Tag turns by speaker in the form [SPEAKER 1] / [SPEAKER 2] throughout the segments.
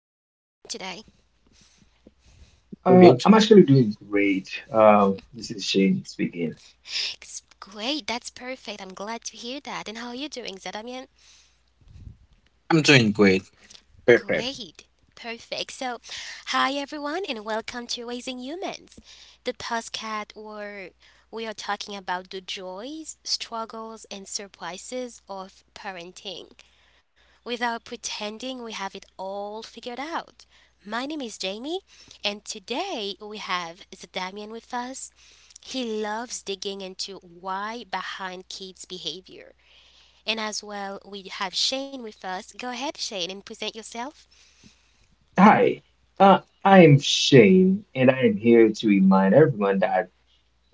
[SPEAKER 1] How are you doing today?
[SPEAKER 2] Great.
[SPEAKER 3] I'm actually doing great. This is Shane speaking.
[SPEAKER 1] It's great. That's perfect. I'm glad to hear that. And how are you doing, Zadamian?
[SPEAKER 2] I'm doing great. Perfect.
[SPEAKER 1] Great. Perfect. So, hi, everyone, and welcome to Raising Humans, the podcast where we are talking about the joys, struggles, and surprises of parenting, without pretending we have it all figured out. My name is Jamie, and today we have Damian with us. He loves digging into why behind kids' behavior. And as well, we have Shane with us. Go ahead, Shane, and present yourself.
[SPEAKER 3] Hi, uh, I'm Shane, and I am here to remind everyone that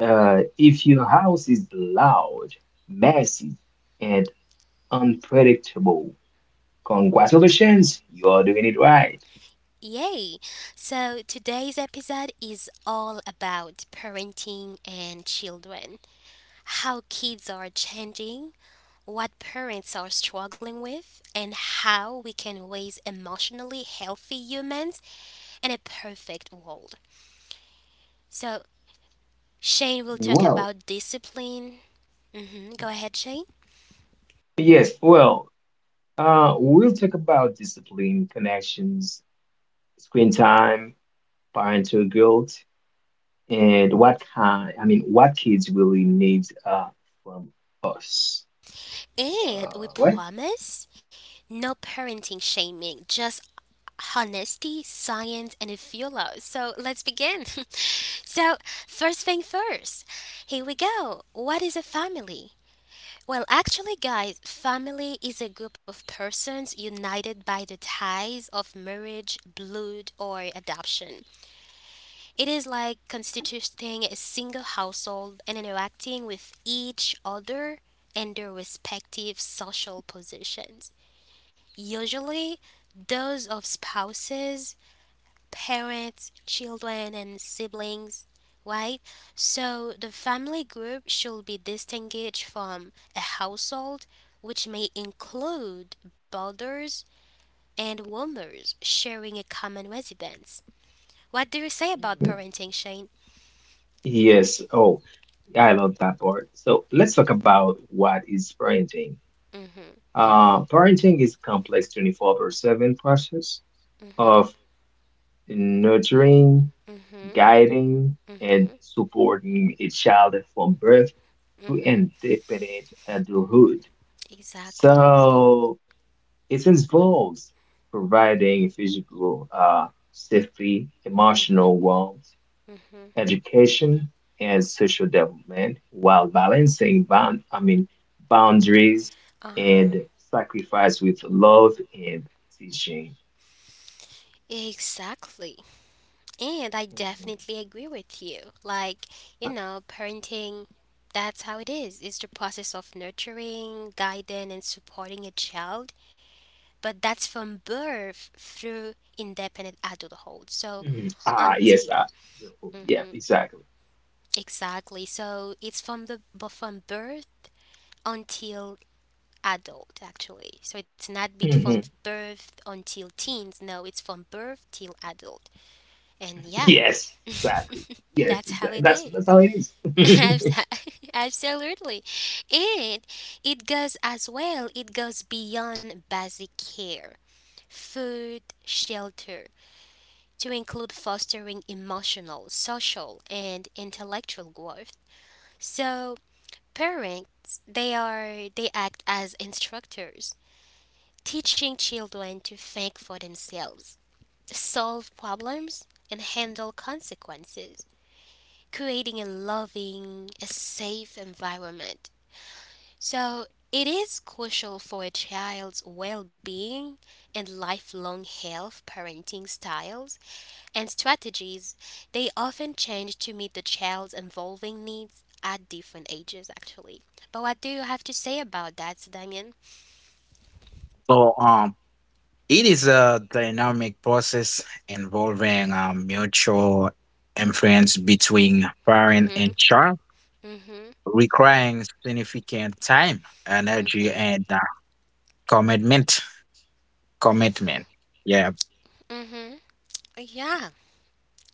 [SPEAKER 3] if your house is loud, messy, and unpredictable, congratulations, you are doing it right.
[SPEAKER 1] Yay! So today's episode is all about parenting and children, how kids are changing, what parents are struggling with, and how we can raise emotionally healthy humans in a perfect world. So, Shane will talk
[SPEAKER 3] Well,
[SPEAKER 1] about discipline. Go ahead, Shane.
[SPEAKER 3] yes, well, we'll talk about discipline, connections, screen time, parental guilt, and what kind, I mean, what kids really need from us.
[SPEAKER 1] And we
[SPEAKER 3] What?
[SPEAKER 1] promise no parenting shaming, just honesty, science, and a few laws. So let's begin. So, first thing first, here we go. What is a family? Well, actually, guys, family is a group of persons united by the ties of marriage, blood, or adoption. It is like constituting a single household and interacting with each other and their respective social positions, usually those of spouses, parents, children, and siblings, right? So the family group should be distinguished from a household, which may include brothers and roomers sharing a common residence. What do you say about
[SPEAKER 3] Mm.
[SPEAKER 1] parenting, Shane?
[SPEAKER 3] Yes. Oh, I love that part. So let's talk about what is parenting.
[SPEAKER 1] Mm-hmm,
[SPEAKER 3] Parenting is complex 24/7 process
[SPEAKER 1] mm-hmm,
[SPEAKER 3] of nurturing,
[SPEAKER 1] mm-hmm,
[SPEAKER 3] guiding, and
[SPEAKER 1] mm-hmm,
[SPEAKER 3] supporting a child from birth to
[SPEAKER 1] mm-hmm.
[SPEAKER 3] independent adulthood.
[SPEAKER 1] Exactly.
[SPEAKER 3] So it involves providing physical safety, emotional warmth,
[SPEAKER 1] Mm-hmm.
[SPEAKER 3] education, and social development while balancing boundaries
[SPEAKER 1] Uh-huh.
[SPEAKER 3] and sacrifice with love and teaching.
[SPEAKER 1] Exactly. And I
[SPEAKER 3] Mhm.
[SPEAKER 1] definitely agree with you. Parenting, that's how it is. It's the process of nurturing, guiding, and supporting a child. But that's from birth through independent adulthood. So,
[SPEAKER 3] Mhm. Ah, yes,
[SPEAKER 1] until.
[SPEAKER 3] ah, yeah,
[SPEAKER 1] Mhm.
[SPEAKER 3] exactly.
[SPEAKER 1] Exactly. So, it's from the but from birth until adult actually. So it's not bit from
[SPEAKER 3] Mhm.
[SPEAKER 1] birth until teens, no, it's from birth till adult. And yeah,
[SPEAKER 3] Yes, exactly. Yes,
[SPEAKER 1] that's how
[SPEAKER 3] exactly.
[SPEAKER 1] it
[SPEAKER 3] That's
[SPEAKER 1] is.
[SPEAKER 3] how it is.
[SPEAKER 1] Abs- Absolutely. And it goes as well, it goes beyond basic care, food, shelter, to include fostering emotional, social, and intellectual growth. So, parents, they act as instructors, teaching children to think for themselves, solve problems, and handle consequences, creating a loving, a safe environment. So, it is crucial for a child's well being and lifelong health. Parenting styles and strategies, they often change to meet the child's evolving needs at different ages, actually. But what do you have to say about that, Damien?
[SPEAKER 2] So, it is a dynamic process involving mutual influence between parent
[SPEAKER 1] hmm,
[SPEAKER 2] and child,
[SPEAKER 1] hmm,
[SPEAKER 2] requiring significant time, energy,
[SPEAKER 1] hmm,
[SPEAKER 2] and commitment. Commitment. Yeah.
[SPEAKER 1] hmm. Yeah,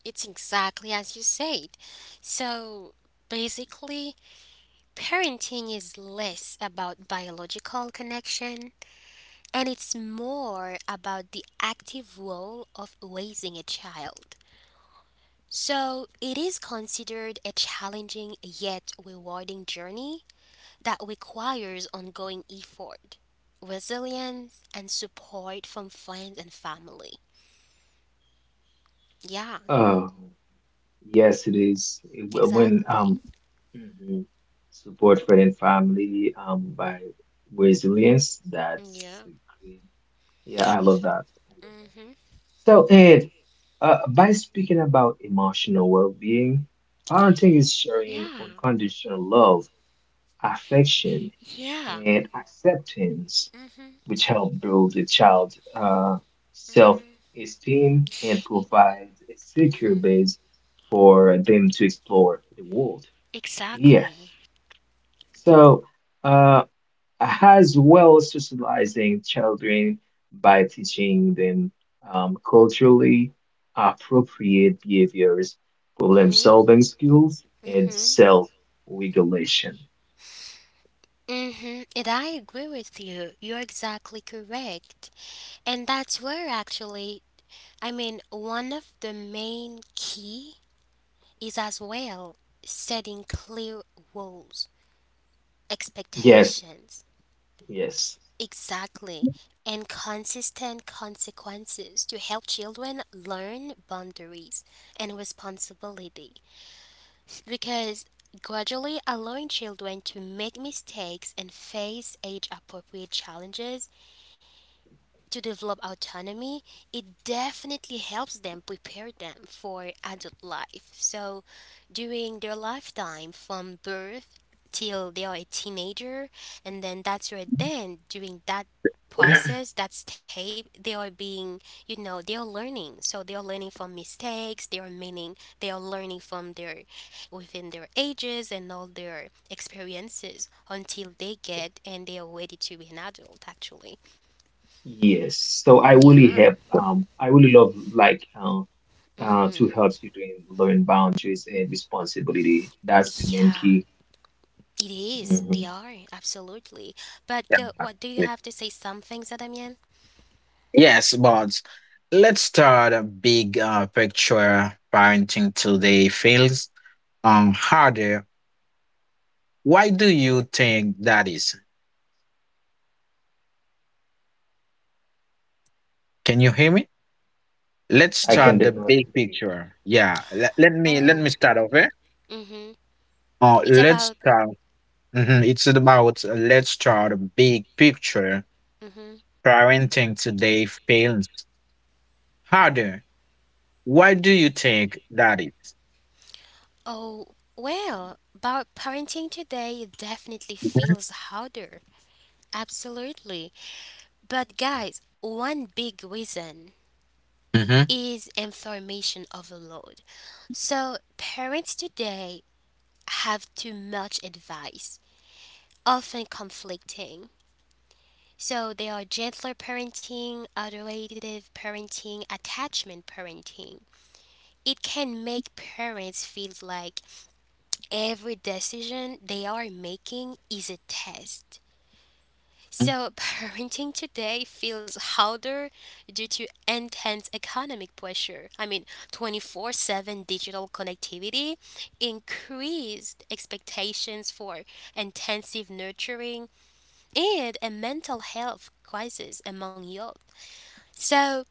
[SPEAKER 1] it's exactly as you said. So, basically, parenting is less about biological connection, and it's more about the active role of raising a child. So, it is considered a challenging yet rewarding journey that requires ongoing effort, resilience, and support from friends and family. Yeah,
[SPEAKER 3] Oh, yes, it is. It- When
[SPEAKER 1] exactly.
[SPEAKER 3] Mhm. Support friend and family by resilience. That's
[SPEAKER 1] Yeah.
[SPEAKER 3] a great. Yeah, I love that. I love that.
[SPEAKER 1] Mm-hmm.
[SPEAKER 3] So Ed, by speaking about emotional well-being, parenting is showing
[SPEAKER 1] Yeah.
[SPEAKER 3] unconditional love, affection,
[SPEAKER 1] Yeah.
[SPEAKER 3] and acceptance,
[SPEAKER 1] Mm-hmm.
[SPEAKER 3] which help build the child's self-esteem and provides a secure
[SPEAKER 1] Mm-hmm.
[SPEAKER 3] base for them to explore the world. Yes.
[SPEAKER 1] Exactly.
[SPEAKER 3] So, uh, as well socializing children by teaching them culturally appropriate behaviors,
[SPEAKER 1] Mm-hmm.
[SPEAKER 3] problem-solving skills, and
[SPEAKER 1] Mm-hmm.
[SPEAKER 3] self-regulation.
[SPEAKER 1] Mm-hmm. And I agree with you. You're exactly correct. And that's where actually, I mean, one of the main key is as well setting clear rules,
[SPEAKER 3] Yes,
[SPEAKER 1] expectations,
[SPEAKER 3] yes,
[SPEAKER 1] exactly, and consistent consequences to help children learn boundaries and responsibility. Because gradually allowing children to make mistakes and face age appropriate challenges to develop autonomy, it definitely helps them prepare them for adult life. So, during their lifetime from birth till they are a teenager, and then that's where then during that process, that step, they are being, you know, they are learning. So they are learning from mistakes, they are meaning they are learning from their, within their ages and all their experiences, until they get and they are ready to be an adult, actually.
[SPEAKER 3] yes. So I really
[SPEAKER 1] Yeah.
[SPEAKER 3] have, I really love like to help children learn boundaries and responsibility. That's the main
[SPEAKER 1] Yeah,
[SPEAKER 3] key.
[SPEAKER 1] it is. They
[SPEAKER 3] Mhm.
[SPEAKER 1] are, absolutely. But go,
[SPEAKER 2] yeah.
[SPEAKER 1] what do you have to say, Some things, Adamian.
[SPEAKER 2] Yes, but let's start a big picture. Parenting today feels harder. Why do you think that is? Can you hear me? Let's
[SPEAKER 3] I can
[SPEAKER 2] start the big
[SPEAKER 3] definitely.
[SPEAKER 2] picture. Yeah, let, let me let
[SPEAKER 1] Oh,
[SPEAKER 2] me start over.
[SPEAKER 1] mm-hmm. It's
[SPEAKER 2] Let's
[SPEAKER 1] about,
[SPEAKER 2] start. Mhm, it's about let's start a big picture.
[SPEAKER 1] mm-hmm.
[SPEAKER 2] Parenting today fails harder. Why do you think that is?
[SPEAKER 1] Oh, well, about parenting today, it definitely feels harder. Absolutely. But guys, one big reason
[SPEAKER 2] Mm-hmm.
[SPEAKER 1] is information overload. So parents today have too much advice, often conflicting. So there are gentler parenting, adorative parenting, attachment parenting. It can make parents feel like every decision they are making is a test. So parenting today feels harder due to intense economic pressure. I mean, 24/7 digital connectivity, increased expectations for intensive nurturing, and a mental health crisis among youth. So,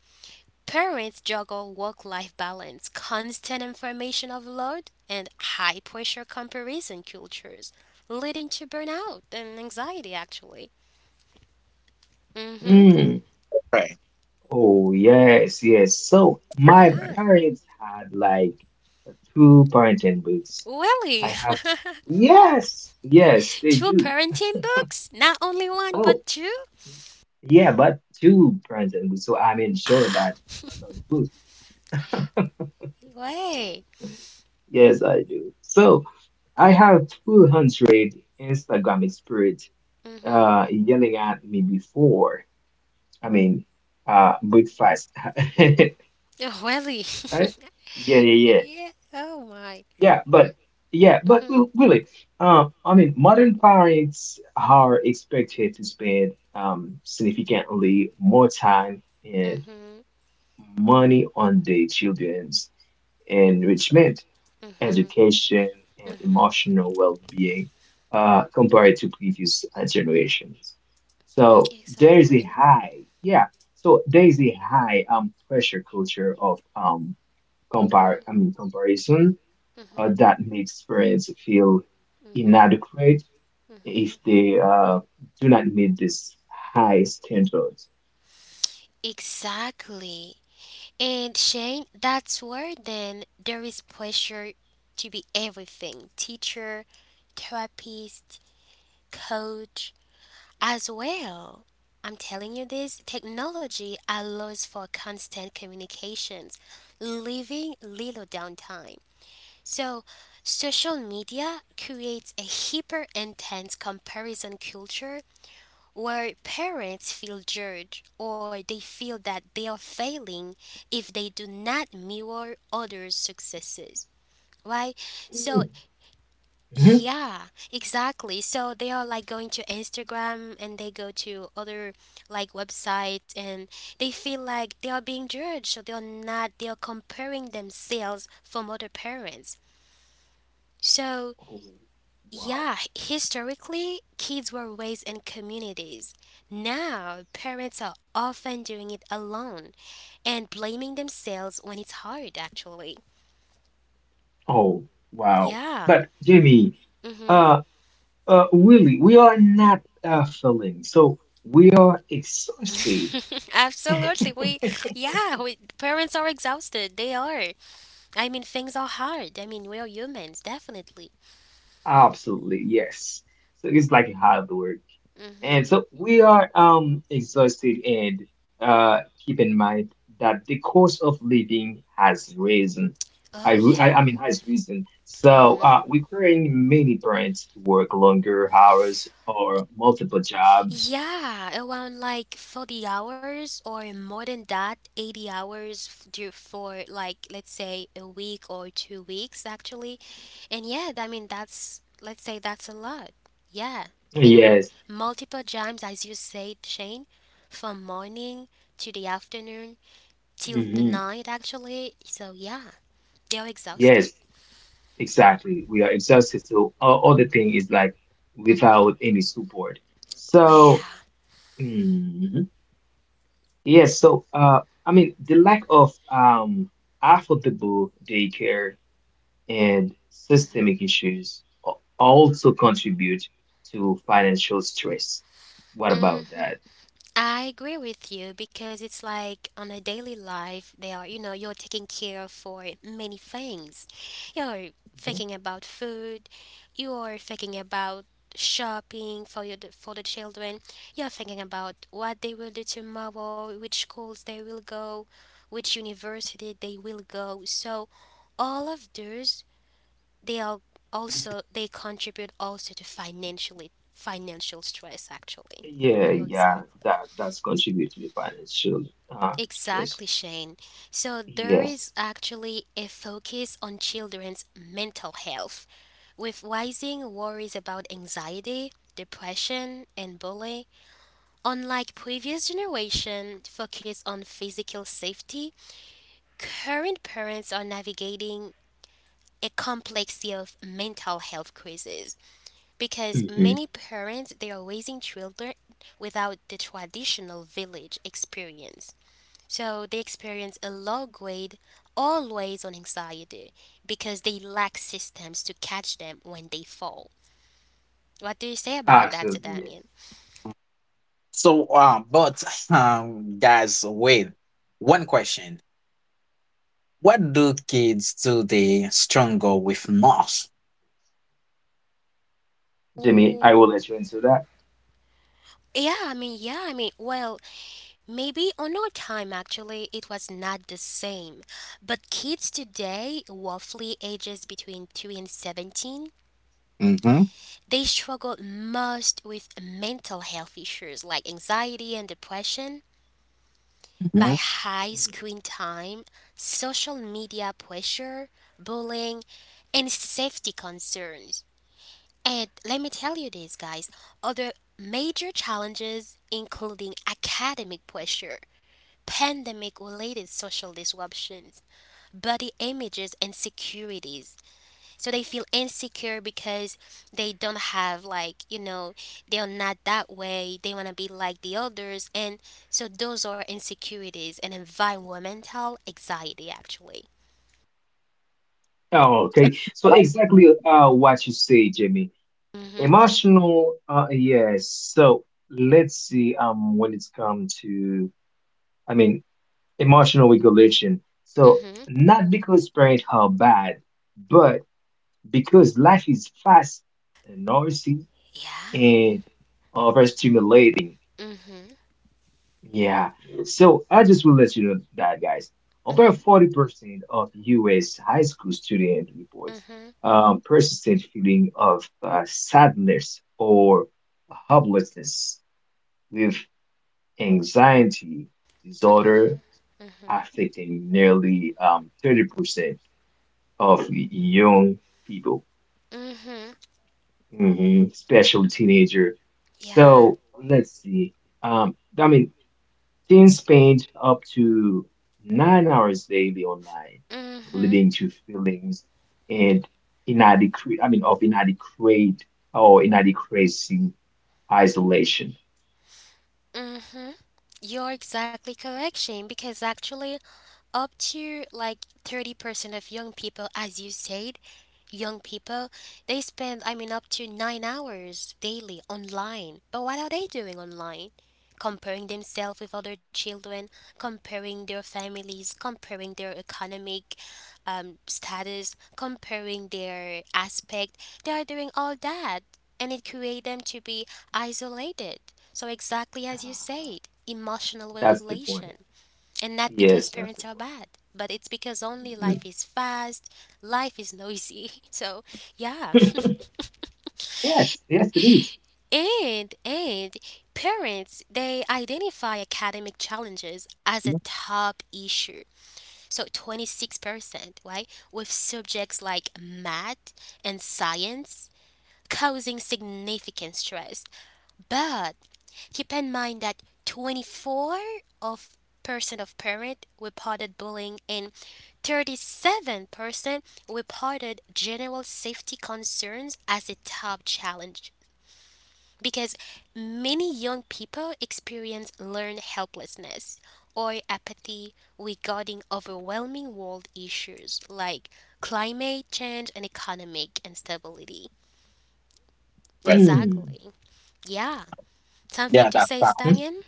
[SPEAKER 1] parents juggle work life balance, constant information overload, and high pressure comparison cultures, leading to burnout and anxiety, actually. Mm-hmm.
[SPEAKER 2] Right.
[SPEAKER 3] Oh, yes, yes. So my
[SPEAKER 2] Right.
[SPEAKER 1] Yeah.
[SPEAKER 3] parents had like two parenting books.
[SPEAKER 1] Really?
[SPEAKER 3] I have, yes, yes, they
[SPEAKER 1] Two
[SPEAKER 3] do.
[SPEAKER 1] parenting books? Not only one, but
[SPEAKER 3] Oh,
[SPEAKER 1] two?
[SPEAKER 3] yeah, but two parenting books. So I'm sure that those books.
[SPEAKER 1] Way.
[SPEAKER 3] Yes, I do. So I have 200 Instagram experience
[SPEAKER 1] Mm-hmm.
[SPEAKER 3] yelling at me before. I mean, Breakfast.
[SPEAKER 1] Oh, really?
[SPEAKER 3] Right? Yeah, yeah, yeah.
[SPEAKER 1] Yeah. Oh, my.
[SPEAKER 3] Yeah, but yeah, but
[SPEAKER 1] Mm-hmm.
[SPEAKER 3] Willie, modern parents are expected to spend significantly more time and
[SPEAKER 1] Mm-hmm.
[SPEAKER 3] money on their children's enrichment,
[SPEAKER 1] Mm-hmm.
[SPEAKER 3] education, and
[SPEAKER 1] Mm-hmm.
[SPEAKER 3] emotional well-being compared to previous generations. So
[SPEAKER 1] Mm-hmm.
[SPEAKER 3] there is a
[SPEAKER 1] Exactly.
[SPEAKER 3] high, yeah. So there is a high pressure culture of
[SPEAKER 1] Mm-hmm.
[SPEAKER 3] comparison
[SPEAKER 1] Mm-hmm.
[SPEAKER 3] that makes parents feel
[SPEAKER 1] Mm-hmm.
[SPEAKER 3] inadequate if
[SPEAKER 1] Mm-hmm.
[SPEAKER 3] they do not meet this high standards.
[SPEAKER 1] Exactly. And Shane, that's where then there is pressure to be everything, teacher, therapist, coach, as well. I'm telling you, this technology allows for constant communications, leaving little downtime. So, social media creates a hyper intense comparison culture where parents feel judged or they feel that they are failing if they do not mirror others' successes. Right? So,
[SPEAKER 3] Mhm.
[SPEAKER 1] yeah, exactly. So they are like going to Instagram and they go to other like websites and they feel like they are being judged. So they are not, they are comparing themselves from other parents. So,
[SPEAKER 3] Oh, wow.
[SPEAKER 1] yeah, historically, kids were raised in communities. Now, parents are often doing it alone and blaming themselves when it's hard, actually.
[SPEAKER 3] Oh, wow.
[SPEAKER 1] Yeah.
[SPEAKER 3] But Jamie,
[SPEAKER 1] Mm-hmm.
[SPEAKER 3] uh, really, we are not failing, so we are exhausted.
[SPEAKER 1] Absolutely. Yeah, we, parents are exhausted. They are. I mean, things are hard. I mean, we are humans, definitely.
[SPEAKER 3] Absolutely, yes. So it's like hard work. And
[SPEAKER 1] Mm-hmm.
[SPEAKER 3] so we are exhausted and keep in mind that the cost of living has risen. I,
[SPEAKER 1] Oh,
[SPEAKER 3] re- I,
[SPEAKER 1] yeah.
[SPEAKER 3] I mean has risen. So requiring many parents to work longer hours or multiple jobs.
[SPEAKER 1] Yeah, around like 40 hours or more than that, 80 hours for like let's say a week or 2 weeks actually. And yeah, I mean that's, let's say that's a lot. Yeah. And
[SPEAKER 3] Yes.
[SPEAKER 1] multiple times as you said, Shane, from morning to the afternoon till the
[SPEAKER 3] Hmm.
[SPEAKER 1] night, actually. So yeah, they're exhausted.
[SPEAKER 3] Yes, exactly. We are exhausted. So all other thing is like
[SPEAKER 1] Mhm.
[SPEAKER 3] without any support. So
[SPEAKER 1] Wow.
[SPEAKER 3] mm-hmm. Yes, so I mean the lack of affordable daycare and
[SPEAKER 1] Mhm.
[SPEAKER 3] systemic issues a- also contribute to financial stress. What about
[SPEAKER 1] Mhm.
[SPEAKER 3] that?
[SPEAKER 1] I agree with you because it's like on a daily life, they are, you know, you're taking care for many things. You're
[SPEAKER 3] Mhm.
[SPEAKER 1] thinking about food, you're thinking about shopping for your, for the children. You're thinking about what they will do tomorrow, which schools they will go, which university they will go. So all of those, they are also, they contribute also to financially financial stress, actually.
[SPEAKER 3] Yeah,
[SPEAKER 1] You're
[SPEAKER 3] yeah,
[SPEAKER 1] Exactly,
[SPEAKER 3] that that's contribute to the financial stress.
[SPEAKER 1] Exactly, Shane. So there
[SPEAKER 3] Yes.
[SPEAKER 1] is actually a focus on children's mental health, with rising worries about anxiety, depression, and bullying. Unlike previous generation focus on physical safety, current parents are navigating a complexity of mental health crises because
[SPEAKER 3] Hmm.
[SPEAKER 1] many parents they are raising children without the traditional village experience. So they experience a low grade, always on anxiety, because they lack systems to catch them when they fall. What do you say about that,
[SPEAKER 3] Absolutely, yes.
[SPEAKER 1] Damien?
[SPEAKER 2] So, but guys, wait. One question: what do kids today struggle with most?
[SPEAKER 3] Jimmy,
[SPEAKER 1] Oh,
[SPEAKER 3] I will let you into that.
[SPEAKER 1] well, maybe on our time actually it was not the same. But kids today, roughly ages between 2 and 17,
[SPEAKER 2] Mm-hmm.
[SPEAKER 1] they struggle most with mental health issues like anxiety and depression by
[SPEAKER 2] Hmm.
[SPEAKER 1] high
[SPEAKER 3] Mhm.
[SPEAKER 1] screen time, social media pressure, bullying, and safety concerns. And let me tell you this, guys, other major challenges including academic pressure, pandemic related social disruptions, body images, and securities. So they feel insecure because they don't have, like, you know, they are not that way. They want to be like the others. And so those are insecurities and environmental anxiety, actually.
[SPEAKER 3] Oh, okay. So exactly what you say, Jimmy.
[SPEAKER 1] Mm-hmm.
[SPEAKER 3] Emotional, yes. So let's see, when it's come to, I mean, emotional regulation. So
[SPEAKER 1] Mm-hmm.
[SPEAKER 3] not because parents are bad, but because life is fast and noisy
[SPEAKER 1] Yeah.
[SPEAKER 3] and overstimulating.
[SPEAKER 1] Mm-hmm.
[SPEAKER 3] Yeah. So I just will let you know that, guys. Over
[SPEAKER 1] Mm-hmm.
[SPEAKER 3] 40% of US high school students report
[SPEAKER 1] Mm-hmm.
[SPEAKER 3] persistent feeling of sadness or hopelessness, with anxiety
[SPEAKER 1] Mm-hmm.
[SPEAKER 3] disorder affecting nearly 30% of young people,
[SPEAKER 1] Mm-hmm.
[SPEAKER 3] hmm especially teenager.
[SPEAKER 1] Yeah.
[SPEAKER 3] So let's see. Um, I mean, teens spend up to 9 hours daily online,
[SPEAKER 1] Mm-hmm.
[SPEAKER 3] leading to feelings and inadequate, I mean, of inadequate or inadequacy, isolation.
[SPEAKER 1] Mm-hmm. You're exactly correct, Shane, because actually up to like 30% of young people, as you said, young people, they spend, I mean, up to 9 hours daily online. But what are they doing online? Comparing themselves with other children, comparing their families, comparing their economic status, comparing their aspect. They are doing all that, and it creates them to be isolated. So, exactly as you
[SPEAKER 3] Uh,
[SPEAKER 1] said, emotional
[SPEAKER 3] that's the point.
[SPEAKER 1] regulation. And not because
[SPEAKER 3] Yes, that's
[SPEAKER 1] parents
[SPEAKER 3] the
[SPEAKER 1] are bad, but it's because only
[SPEAKER 3] point.
[SPEAKER 1] life is fast, life is noisy. So, yeah.
[SPEAKER 3] Yes, yes, it
[SPEAKER 1] And parents, they identify academic challenges as a top issue. So, 26%, right? With subjects like math and science causing significant stress. But keep in mind that 24 of percent of parents reported bullying and 37% reported general safety concerns as a top challenge because many young people experience learned helplessness or apathy regarding overwhelming world issues like climate change and economic instability.
[SPEAKER 2] Well,
[SPEAKER 3] Mm-hmm.
[SPEAKER 1] Exactly. Yeah. Something
[SPEAKER 2] yeah,
[SPEAKER 1] to
[SPEAKER 2] that's
[SPEAKER 1] say,
[SPEAKER 2] uh,
[SPEAKER 1] Zdanyan?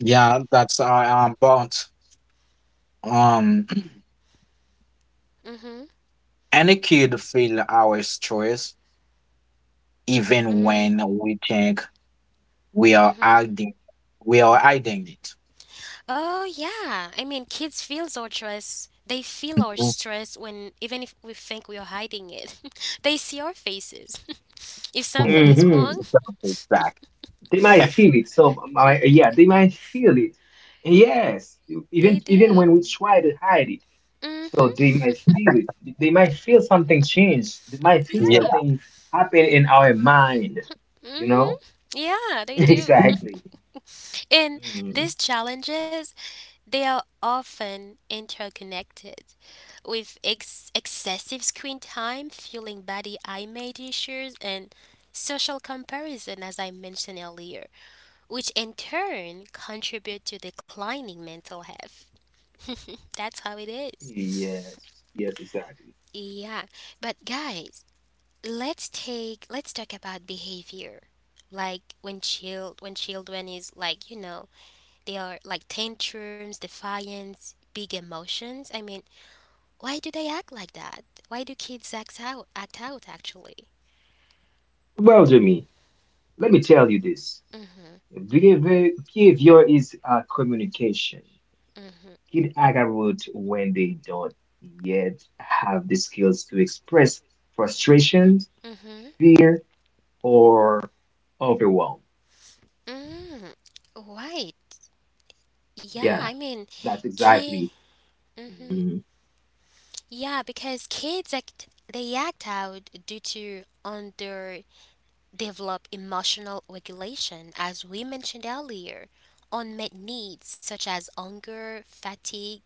[SPEAKER 2] yeah, that's but Um,
[SPEAKER 1] Mm-hmm.
[SPEAKER 2] any kid feel our stress even
[SPEAKER 1] Mm-hmm.
[SPEAKER 2] when we think we are
[SPEAKER 1] Mm-hmm.
[SPEAKER 2] hiding, we are hiding it.
[SPEAKER 1] Oh yeah. I mean, kids feel our stress. They feel our
[SPEAKER 2] Mhm.
[SPEAKER 1] stress when even if we think we are hiding it. They see our faces. If
[SPEAKER 2] Oh,
[SPEAKER 1] something is
[SPEAKER 3] Mm-hmm.
[SPEAKER 2] yeah,
[SPEAKER 1] wrong,
[SPEAKER 2] exactly. Exact.
[SPEAKER 3] They might feel it. So, yeah, they might feel it. Yes,
[SPEAKER 1] they
[SPEAKER 3] even when
[SPEAKER 1] do.
[SPEAKER 3] we try to hide it,
[SPEAKER 1] Mm-hmm.
[SPEAKER 3] so they might feel it. They might feel something change. They might feel
[SPEAKER 1] Yeah.
[SPEAKER 2] Yeah.
[SPEAKER 3] something happen in our mind. You
[SPEAKER 1] Mm-hmm.
[SPEAKER 3] know?
[SPEAKER 1] Yeah, they do.
[SPEAKER 3] Exactly.
[SPEAKER 1] And
[SPEAKER 3] Mm.
[SPEAKER 1] these challenges, they are often interconnected, with excessive screen time fueling body image issues and social comparison, as I mentioned earlier, which in turn contribute to declining mental health. That's how it is.
[SPEAKER 3] Yes, yes, exactly.
[SPEAKER 1] Yeah, but guys, let's talk about behavior. Like when children is like, you know, they are like tantrums, defiance, big emotions. I mean, why do they act like that? Why do kids act out? Act out, actually.
[SPEAKER 3] Well, Jimmy, let me tell you this.
[SPEAKER 1] Mhm.
[SPEAKER 3] Behavior is communication. Kid Agarwood when they don't yet have the skills to express frustrations,
[SPEAKER 1] Mhm.
[SPEAKER 3] fear, or overwhelm.
[SPEAKER 1] Mhm. Right. Yeah.
[SPEAKER 3] Yeah,
[SPEAKER 1] I mean,
[SPEAKER 3] that's
[SPEAKER 1] ki.
[SPEAKER 3] exactly.
[SPEAKER 1] Mhm. Yeah, because kids act. They act out due to underdeveloped emotional regulation, as we mentioned earlier, unmet needs such as hunger, fatigue.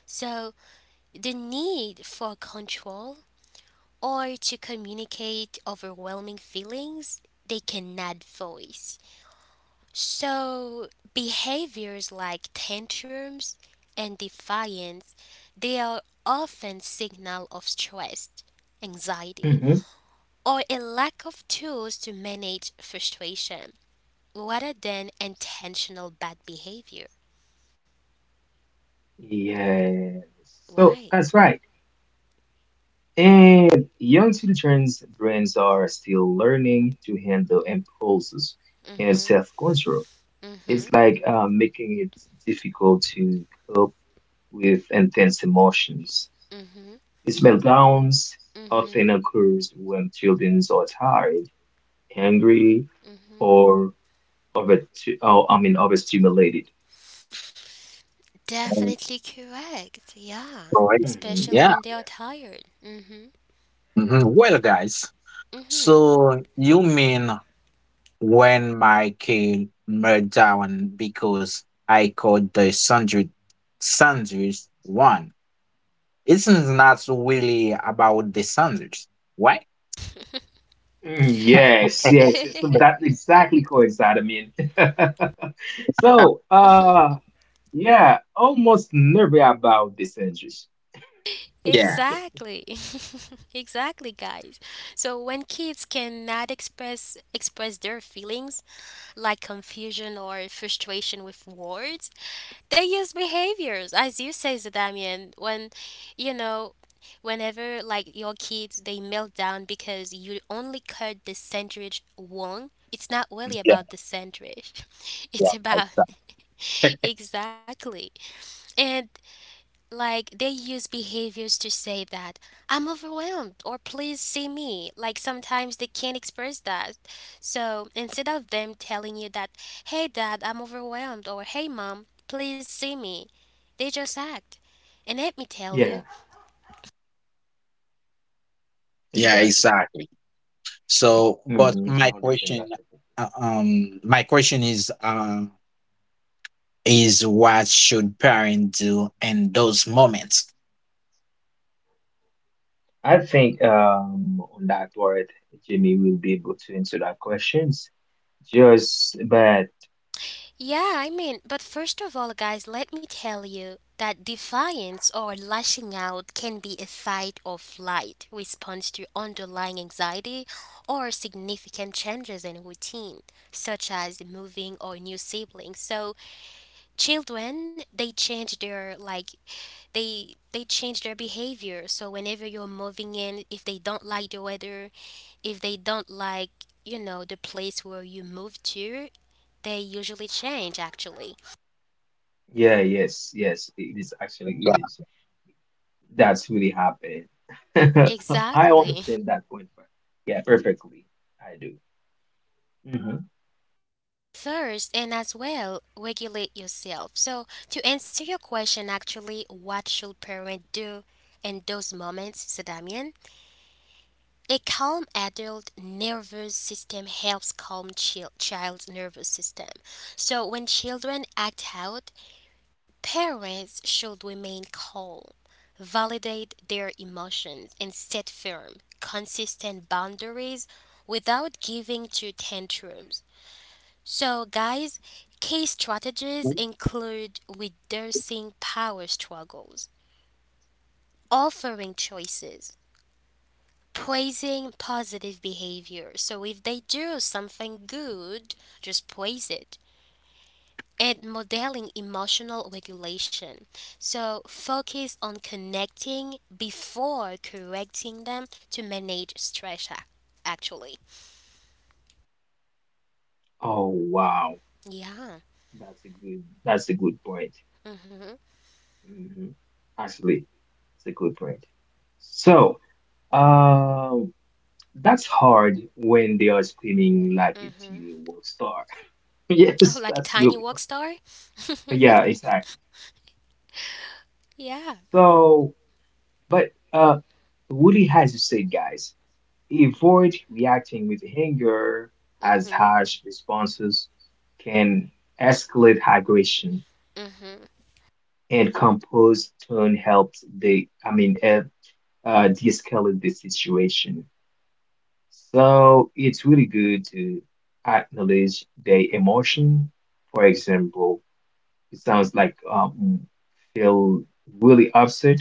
[SPEAKER 1] So the need for control or to communicate overwhelming feelings they cannot voice. So, behaviors like tantrums and defiance, they are often signal of stress, anxiety,
[SPEAKER 3] Mm-hmm.
[SPEAKER 1] or a lack of tools to manage frustration rather than intentional bad behavior.
[SPEAKER 3] Yeah, so
[SPEAKER 1] Why?
[SPEAKER 3] that's right. And young children's brains are still learning to handle impulses and
[SPEAKER 1] Mhm.
[SPEAKER 3] self-control. It's
[SPEAKER 1] Mhm.
[SPEAKER 3] like making it difficult to cope with intense emotions.
[SPEAKER 1] Mhm.
[SPEAKER 3] Meltdowns
[SPEAKER 1] Mhm.
[SPEAKER 3] often occurs when children are tired, angry,
[SPEAKER 1] Mhm.
[SPEAKER 3] or over, overstimulated.
[SPEAKER 2] um,
[SPEAKER 1] Definitely correct. Yeah.
[SPEAKER 2] so,
[SPEAKER 3] Hmm.
[SPEAKER 1] Especially
[SPEAKER 2] Yeah.
[SPEAKER 1] when they are
[SPEAKER 3] Yeah.
[SPEAKER 1] tired. Mhm.
[SPEAKER 2] Mhm. Well, guys,
[SPEAKER 1] Mhm.
[SPEAKER 2] so you mean when my kid meltdown down because I called the sandwich sandwich one? It's not really about the sandwich, right?
[SPEAKER 3] Mm, yes, yes, yes, so that's exactly coincide. I mean, so yeah, almost never about these injuries.
[SPEAKER 2] Yeah.
[SPEAKER 1] Exactly. exactly, guys. So when kids cannot express their feelings like confusion or frustration with words, they use behaviors, as you say, Zadamian, when, you know, whenever like your kids they melt down because you only cut the sandwich wrong. It's not really about the sandwich.
[SPEAKER 2] Yeah,
[SPEAKER 1] It's about
[SPEAKER 2] exactly.
[SPEAKER 1] exactly. And like they use behaviors to say that I'm overwhelmed or please see me. Like sometimes they can't express that. So instead of them telling you that, hey dad, I'm overwhelmed or hey mom, please see me, they just act. And let me tell you,
[SPEAKER 3] Yeah,
[SPEAKER 2] Yeah,
[SPEAKER 3] exactly.
[SPEAKER 2] exactly. So,
[SPEAKER 3] Hmm.
[SPEAKER 2] but
[SPEAKER 3] I
[SPEAKER 2] my
[SPEAKER 3] understand that
[SPEAKER 2] question,
[SPEAKER 3] perfectly.
[SPEAKER 2] uh, um, my question is, um, is what should parents do in those moments?
[SPEAKER 3] I think on that word, Jimmy will be able to answer that questions. Just but
[SPEAKER 1] yeah, but first of all, guys, let me tell you that defiance or lashing out can be a fight or flight response to underlying anxiety or significant changes in routine, such as moving or new siblings. So, children they change their like they change their behavior, so whenever you're moving in, if they don't like the weather, if they don't like, you know, the place where you move to, they usually change actually.
[SPEAKER 3] yeah, yes, yes, it is actually, it
[SPEAKER 2] Yeah,
[SPEAKER 3] is. That's really happened. I
[SPEAKER 1] Exactly.
[SPEAKER 3] understand that point, but yeah, perfectly. I do. Hmm.
[SPEAKER 1] First, and as well regulate yourself. So to answer your question actually, what should parents do in those moments, Sadamian? A calm adult nervous system helps calm child's nervous system. So when children act out, parents should remain calm, validate their emotions, and set firm, consistent boundaries without giving to tantrums. So guys, key strategies include reducing power struggles, offering choices, praising positive behavior. So if they do something good, just praise it. And modeling emotional regulation. So focus on connecting before correcting them to manage stress, actually.
[SPEAKER 3] Oh, wow.
[SPEAKER 1] Yeah.
[SPEAKER 3] That's a good point.
[SPEAKER 1] Mm-hmm,
[SPEAKER 3] Hmm. Actually, it's a good point. So, um, that's hard when they are screaming like a
[SPEAKER 1] mm-hmm.
[SPEAKER 3] TV world star.
[SPEAKER 1] Oh,
[SPEAKER 3] Yes,
[SPEAKER 1] like a
[SPEAKER 3] that's
[SPEAKER 1] tiny
[SPEAKER 3] really
[SPEAKER 1] rock
[SPEAKER 3] hard.
[SPEAKER 1] star?
[SPEAKER 3] Yeah, exactly.
[SPEAKER 1] yeah.
[SPEAKER 3] So, but really, as you said, guys. Avoid reacting with anger as
[SPEAKER 1] Mm-hmm,
[SPEAKER 3] harsh responses can escalate aggression
[SPEAKER 1] mm-hmm.
[SPEAKER 3] and composed tone helps the I mean de-escalate the situation. So it's really good to acknowledge the emotion. For example, it sounds like feel really upset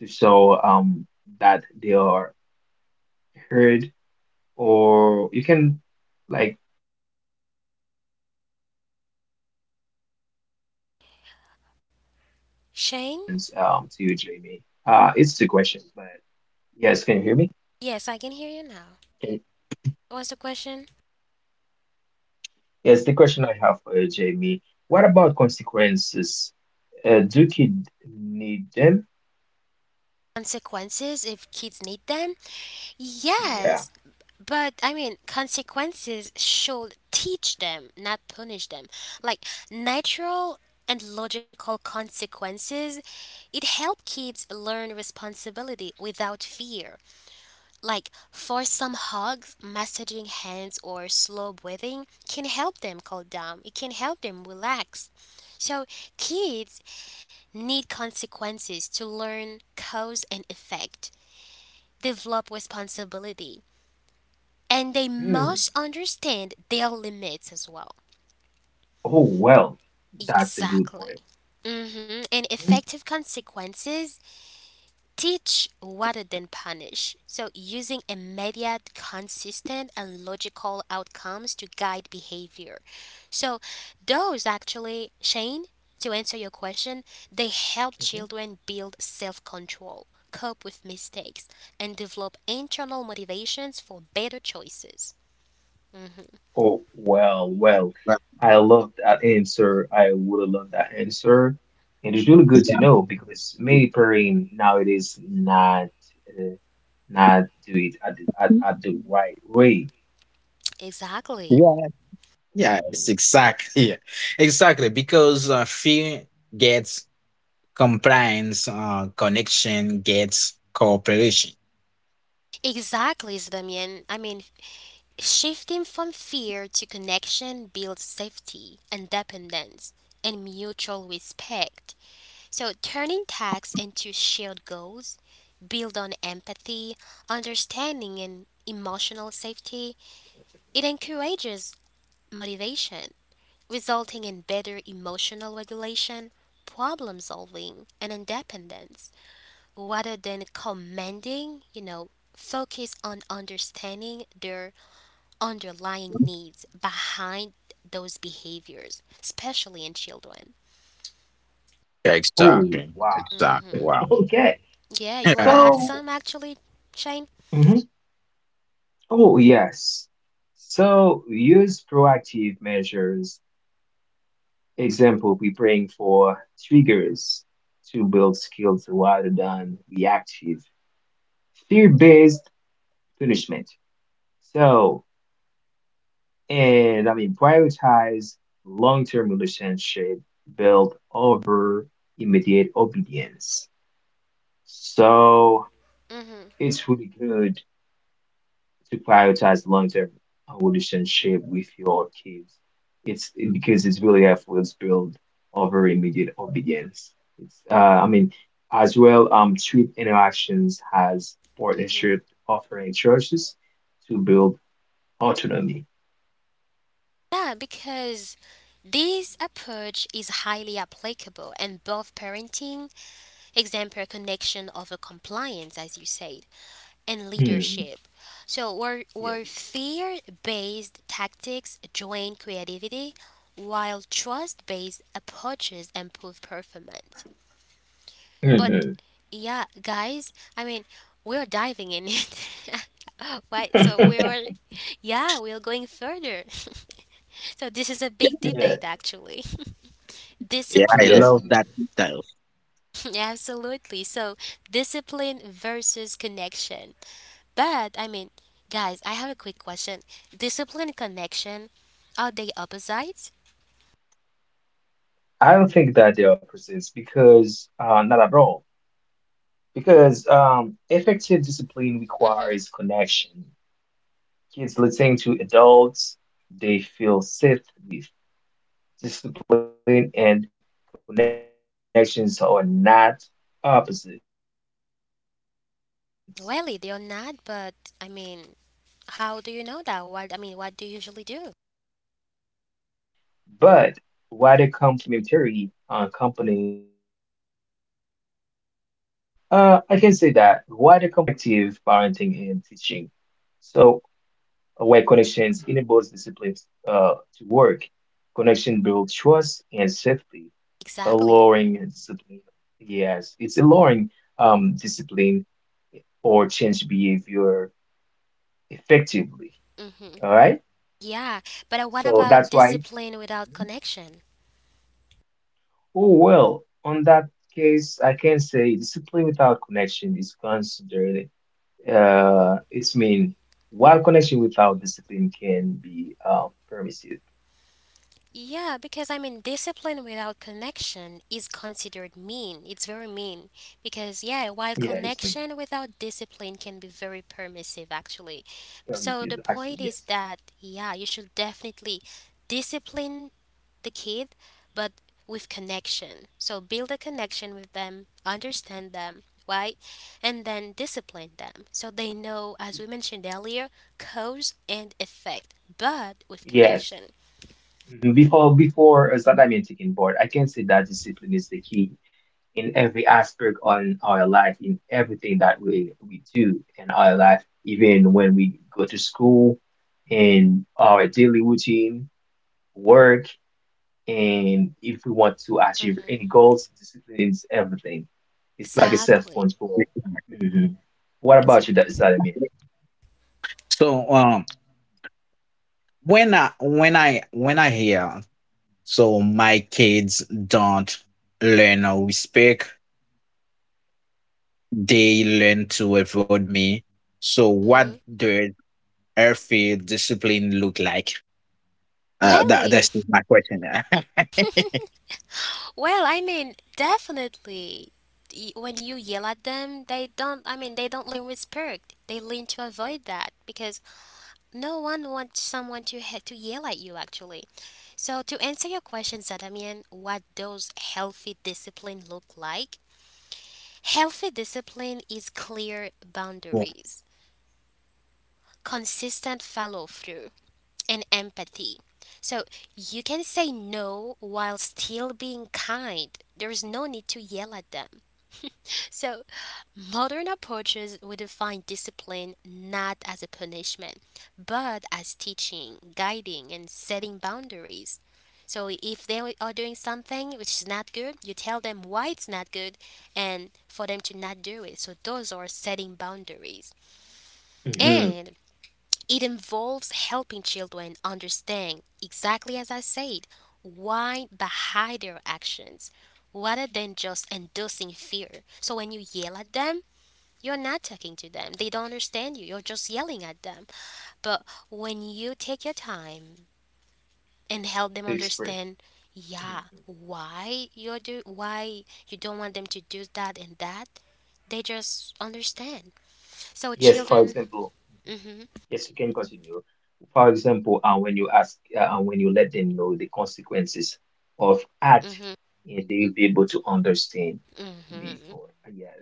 [SPEAKER 3] to show that they are heard or you can like do a lot of things. So I just have one question to you, Jamie. It's the
[SPEAKER 1] Shane?
[SPEAKER 3] question, but yes, can you hear me?
[SPEAKER 1] Yes, I can hear you
[SPEAKER 3] Can you-
[SPEAKER 1] now. What's the question?
[SPEAKER 3] Yes, the question I have for you, Jamie. What about consequences? Do kids need them?
[SPEAKER 1] Consequences, if kids need them?
[SPEAKER 3] Yeah.
[SPEAKER 1] Yes, but consequences should teach them, not punish them. Like natural and logical consequences, it help kids learn responsibility without fear. Like for some hugs, massaging hands or slow breathing can help them calm down. It can help them relax. So kids need consequences to learn cause and effect, develop responsibility, and they
[SPEAKER 3] Hmm.
[SPEAKER 1] must understand their limits as well.
[SPEAKER 3] Oh, well, that's a good
[SPEAKER 1] Exactly.
[SPEAKER 3] point.
[SPEAKER 1] Hmm. And
[SPEAKER 3] Mm-hmm.
[SPEAKER 1] effective consequences teach rather than punish. So, using immediate, consistent, and logical outcomes to guide behavior. So, those actually, Shane, to answer your question, they help
[SPEAKER 3] Mm-hmm.
[SPEAKER 1] children build self control, cope with mistakes, and develop internal motivations for better choices. Hmm.
[SPEAKER 3] Oh, well, well,
[SPEAKER 2] but-
[SPEAKER 3] I love that answer. I would love that answer. And it's really good
[SPEAKER 2] yeah,
[SPEAKER 3] to know because many pairing nowadays not uh, not do it at the right way.
[SPEAKER 1] Exactly.
[SPEAKER 2] yeah,
[SPEAKER 3] Mhm.
[SPEAKER 2] yeah, exactly because fear gets compliance, connection gets cooperation.
[SPEAKER 1] Exactly, Damien. Shifting from fear to connection builds safety, independence, and mutual respect. So, turning tasks into shared goals build on empathy, understanding, and emotional safety. It encourages motivation, resulting in better emotional regulation, problem solving, and independence rather than commanding. You know, focus on understanding their underlying needs behind those behaviors, especially in children.
[SPEAKER 3] Oh,
[SPEAKER 2] Exactly,
[SPEAKER 3] wow.
[SPEAKER 2] exactly. Wow.
[SPEAKER 3] Okay.
[SPEAKER 1] Yeah, you want to add
[SPEAKER 3] So,
[SPEAKER 1] some actually, Shane?
[SPEAKER 3] mhm. Oh, yes. So use proactive measures. Example, we praying for triggers to build skills rather than reactive. Fear-based punishment. So, and I mean, prioritize long term relationship built over immediate obedience. So,
[SPEAKER 1] Hmm.
[SPEAKER 3] it's really good to prioritize long term relationship with your kids. Because it's really helpful to build over immediate obedience. It's, uh, I mean, as well, treat interactions as
[SPEAKER 1] Hmm.
[SPEAKER 3] partnership offering choices to build autonomy.
[SPEAKER 1] Yeah, because this approach is highly applicable in both parenting, example connection over compliance, as you say, and
[SPEAKER 3] Hmm.
[SPEAKER 1] leadership. So, where
[SPEAKER 3] Yes.
[SPEAKER 1] fear based tactics drain creativity, while trust based approaches improve performance. But
[SPEAKER 3] Mhm.
[SPEAKER 1] yeah, guys, we're diving in it. Right? So, we are, yeah, we're going further. So this is a big
[SPEAKER 3] Yeah,
[SPEAKER 1] debate actually.
[SPEAKER 2] Yeah, I
[SPEAKER 1] Discipline,
[SPEAKER 3] yes.
[SPEAKER 2] love that detail.
[SPEAKER 1] absolutely. So discipline versus connection. But guys, I have a quick question. Discipline and connection, are they opposites?
[SPEAKER 3] I don't think that they are persist because not at all. Because effective discipline
[SPEAKER 1] Mm-hmm.
[SPEAKER 3] requires connection. Kids listening to adults they feel safe with. Discipline and connections are not opposites, but
[SPEAKER 1] Really, they are
[SPEAKER 3] why they
[SPEAKER 1] not, but I mean,
[SPEAKER 3] complementary
[SPEAKER 1] how do you know that? What I mean,
[SPEAKER 3] companies.
[SPEAKER 1] what do you usually do?
[SPEAKER 3] Yeah, yeah, yes. But I can say that why the complementary components of uh, effective parenting and teaching. So, where connections enables disciplines to work, connection builds trust
[SPEAKER 1] Exactly.
[SPEAKER 3] and safety, allowing discipline. Yes, it's allowing discipline or change behavior effectively.
[SPEAKER 1] Mm-hmm.
[SPEAKER 3] All right.
[SPEAKER 1] Yeah, but what
[SPEAKER 3] So
[SPEAKER 1] about
[SPEAKER 3] that's why.
[SPEAKER 1] discipline without
[SPEAKER 3] Mhm.
[SPEAKER 1] connection?
[SPEAKER 3] Oh, well, on that case, I can say discipline without connection is considered it's mean while connection without discipline can be permissive.
[SPEAKER 1] Yeah, because discipline without connection is considered mean. It's very mean. Because, yeah, while
[SPEAKER 3] Yeah, it's mean
[SPEAKER 1] connection without discipline can be very permissive, actually. So
[SPEAKER 3] permissive
[SPEAKER 1] the
[SPEAKER 3] actually.
[SPEAKER 1] point is
[SPEAKER 3] Yes,
[SPEAKER 1] that, yeah, you should definitely discipline the kid, but with connection. So build a connection with them, understand them, right? And then discipline them. So they know, as we mentioned earlier, cause and effect, but with
[SPEAKER 3] yes.
[SPEAKER 1] connection.
[SPEAKER 3] Mhm. Before Zadamian taking board, I can say that discipline is the key in every aspect on our life, in everything that we do in our life, even when we go to school, in our daily routine, work. And if we want to achieve
[SPEAKER 1] Mm-hmm.
[SPEAKER 3] any goals, discipline is everything. It's like a
[SPEAKER 1] Exactly.
[SPEAKER 3] self-control. Hmm. What about you, that
[SPEAKER 1] Exactly.
[SPEAKER 3] Salimir?
[SPEAKER 2] So, when I hear so my kids don't learn how we speak, they learn to avoid me. So what
[SPEAKER 1] Hmm.
[SPEAKER 2] does healthy discipline look like? Uh, that
[SPEAKER 1] Really?
[SPEAKER 2] that's my question.
[SPEAKER 1] Well, definitely. When you yell at them, they don't. I mean, they don't learn respect. They learn to avoid that because no one wants someone to to yell at you. Actually, so to answer your question, Zadamian, what does healthy discipline look like? Healthy discipline is clear
[SPEAKER 2] Cool.
[SPEAKER 1] boundaries, consistent follow through and empathy. So you can say no while still being kind. There is no need to yell at them. So modern approaches would define discipline not as a punishment, but as teaching, guiding, and setting boundaries. So if they are doing something which is not good, you tell them why it's not good and for them to not do it. So those are setting boundaries.
[SPEAKER 3] Mm-hmm.
[SPEAKER 1] And it involves helping children understand, exactly as I said, why behind their actions rather than just inducing fear. So when you yell at them, you're not talking to them. They don't understand you. You're just yelling at them. But when you take your time and help them
[SPEAKER 3] To express.
[SPEAKER 1] understand,
[SPEAKER 3] Mhm.
[SPEAKER 1] yeah, why you don't want them to do that and that, they just understand. So
[SPEAKER 3] Yes, for
[SPEAKER 1] children,
[SPEAKER 3] example,
[SPEAKER 1] mhm,
[SPEAKER 3] yes, you can continue. For example, when you ask, when you let them know the consequences of act,
[SPEAKER 1] mhm,
[SPEAKER 3] yeah, they will be able to understand
[SPEAKER 1] mhm.
[SPEAKER 3] before. Ah, yeah.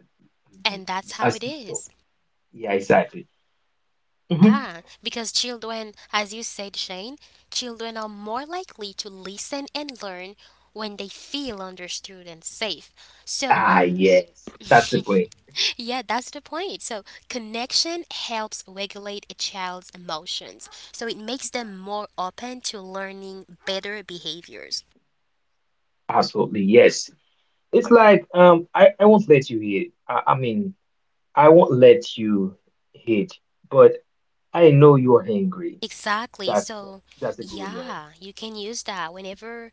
[SPEAKER 3] Mhm.
[SPEAKER 1] And that's how
[SPEAKER 3] As,
[SPEAKER 1] it
[SPEAKER 3] so,
[SPEAKER 1] is.
[SPEAKER 3] yeah, exactly. Mhm.
[SPEAKER 1] Yeah, because children, as you said, Shane, children are more likely to listen and learn when they feel understood and safe. So,
[SPEAKER 3] Ah, yes, that's the point.
[SPEAKER 1] yeah, that's the point. So, connection helps regulate a child's emotions. So, it makes them more open to learning better behaviors.
[SPEAKER 3] Absolutely, yes. It's like I won't let you hate. I won't let you hate, but I know you're angry.
[SPEAKER 1] Exactly.
[SPEAKER 3] That's
[SPEAKER 1] So,
[SPEAKER 3] that's a good one.
[SPEAKER 1] yeah, you can use that whenever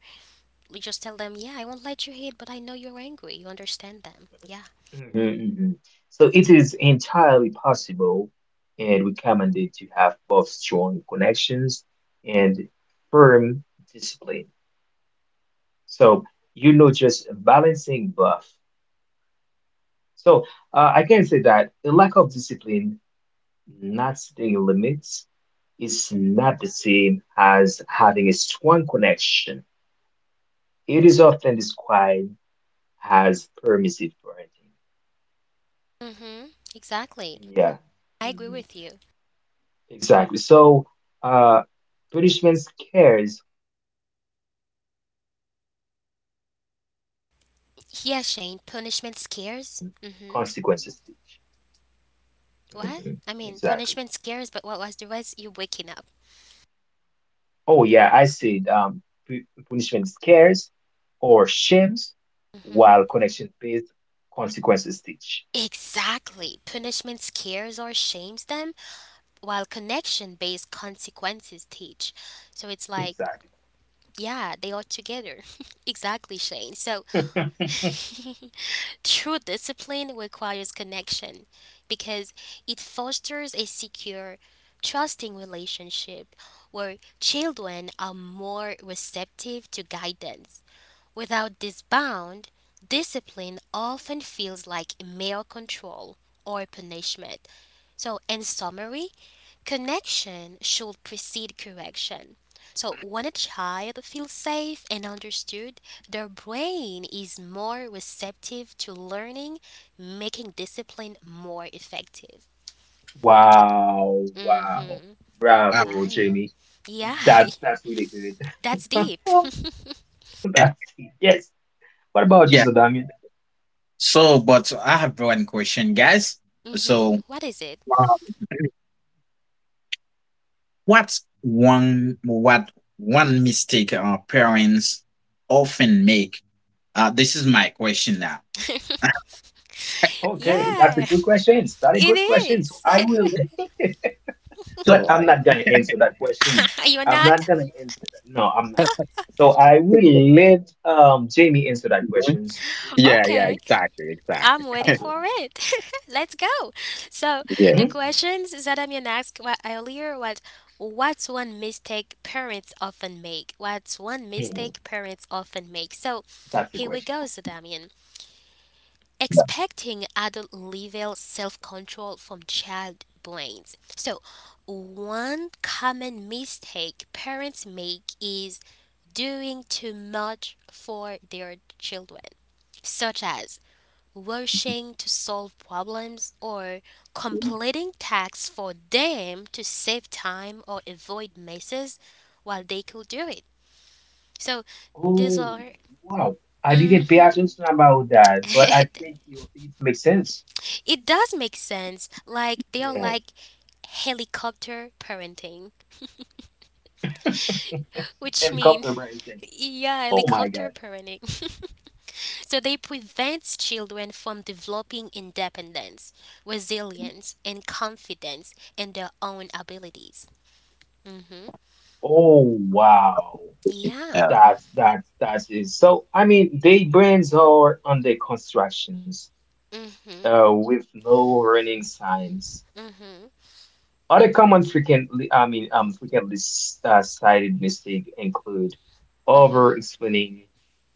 [SPEAKER 1] you just tell them, yeah, I won't let you hit, but I know you're angry. You understand them. Yeah.
[SPEAKER 3] Hmm. Hmm. So it is entirely possible and recommended to have both strong connections and firm discipline. So you know, just balancing both. So I can say that the lack of discipline Nasty limits is not the same as having a strong connection. It is often described as permissive parenting.
[SPEAKER 1] Mm-hmm. Exactly.
[SPEAKER 3] Yeah,
[SPEAKER 1] I agree
[SPEAKER 3] mhm,
[SPEAKER 1] with you.
[SPEAKER 3] exactly. So, uh, punishment scares or shames, while connection based on
[SPEAKER 1] Yeah, Shane,
[SPEAKER 3] consequences.
[SPEAKER 1] punishment scares. Mm-hmm.
[SPEAKER 3] Mhm. Exactly.
[SPEAKER 1] What? Punishment scares, but what was the rest? You waking up.
[SPEAKER 3] Oh yeah, I said pu- punishment scares or shames, while
[SPEAKER 1] Mm-hmm.
[SPEAKER 3] connection based consequences teach.
[SPEAKER 1] Exactly. Punishment scares or shames them, while connection based consequences teach. So it's like,
[SPEAKER 3] Exactly.
[SPEAKER 1] yeah, they are together. Exactly, Shane. So true discipline requires connection because it fosters a secure, trusting relationship where children are more receptive to guidance. Without this bound, discipline often feels like mere control or punishment. So, in summary, connection should precede correction. So, when a child feels safe and understood, their brain is more receptive to learning, making discipline more effective.
[SPEAKER 3] Wow, wow.
[SPEAKER 1] Mm-hmm.
[SPEAKER 2] um,
[SPEAKER 3] Bravo,
[SPEAKER 1] Why?
[SPEAKER 3] Jamie.
[SPEAKER 1] Yeah,
[SPEAKER 3] That that's really good.
[SPEAKER 1] that's deep.
[SPEAKER 3] Oh, that's yes. What about you,
[SPEAKER 2] yeah.
[SPEAKER 3] Sadamian?
[SPEAKER 2] So, but I have one question, guys.
[SPEAKER 1] Mm-hmm.
[SPEAKER 2] So,
[SPEAKER 1] What is it?
[SPEAKER 2] uh, what's one what one mistake our parents often make? This is my question now.
[SPEAKER 3] Okay, that's a
[SPEAKER 1] Yeah,
[SPEAKER 3] good question. That a
[SPEAKER 1] it
[SPEAKER 3] good question. So
[SPEAKER 1] is.
[SPEAKER 3] I will but
[SPEAKER 2] So, uh,
[SPEAKER 3] I'm
[SPEAKER 2] yeah.
[SPEAKER 3] not gonna answer that question.
[SPEAKER 1] You're
[SPEAKER 3] I'm
[SPEAKER 1] not?
[SPEAKER 3] not gonna answer that. No, I'm not. So I will let Jamie answer that questions.
[SPEAKER 2] Yeah, yeah,
[SPEAKER 1] Okay.
[SPEAKER 2] exactly, exactly.
[SPEAKER 1] I'm ready for
[SPEAKER 3] Absolutely.
[SPEAKER 1] it. Let's go. So
[SPEAKER 2] Yeah,
[SPEAKER 1] the
[SPEAKER 3] Mhm,
[SPEAKER 1] questions Zadamian asked earlier was, "What's one mistake parents often make? What's one
[SPEAKER 3] mhm.
[SPEAKER 1] mistake parents often make?" So
[SPEAKER 3] That's the
[SPEAKER 1] here we
[SPEAKER 3] question.
[SPEAKER 1] go, Zadamian. Expecting adult level self control from child brains. So one common mistake parents make is doing too much for their children, such as rushing to solve problems, or completing tasks for them to save time or avoid messes while they could do it. So these
[SPEAKER 3] Oh,
[SPEAKER 1] are.
[SPEAKER 3] wow. I
[SPEAKER 1] Hmm.
[SPEAKER 3] didn't pay attention about that, but I think you, it makes sense.
[SPEAKER 1] It does make sense. Like, they are
[SPEAKER 3] Yes.
[SPEAKER 1] like helicopter parenting, which mean
[SPEAKER 3] Helicopter pricing.
[SPEAKER 1] yeah,
[SPEAKER 3] Oh my God.
[SPEAKER 1] helicopter parenting. So they prevent children from developing independence, resilience, and confidence in their own abilities. Mm,
[SPEAKER 3] Oh, wow.
[SPEAKER 1] yeah.
[SPEAKER 2] yeah,
[SPEAKER 3] That's that's it. So, I mean, they brands are under constructions,
[SPEAKER 1] Mhm.
[SPEAKER 3] with no warning signs.
[SPEAKER 1] Mhm.
[SPEAKER 3] Other common frequently, frequently cited mistakes include
[SPEAKER 1] Mhm.
[SPEAKER 3] over-explaining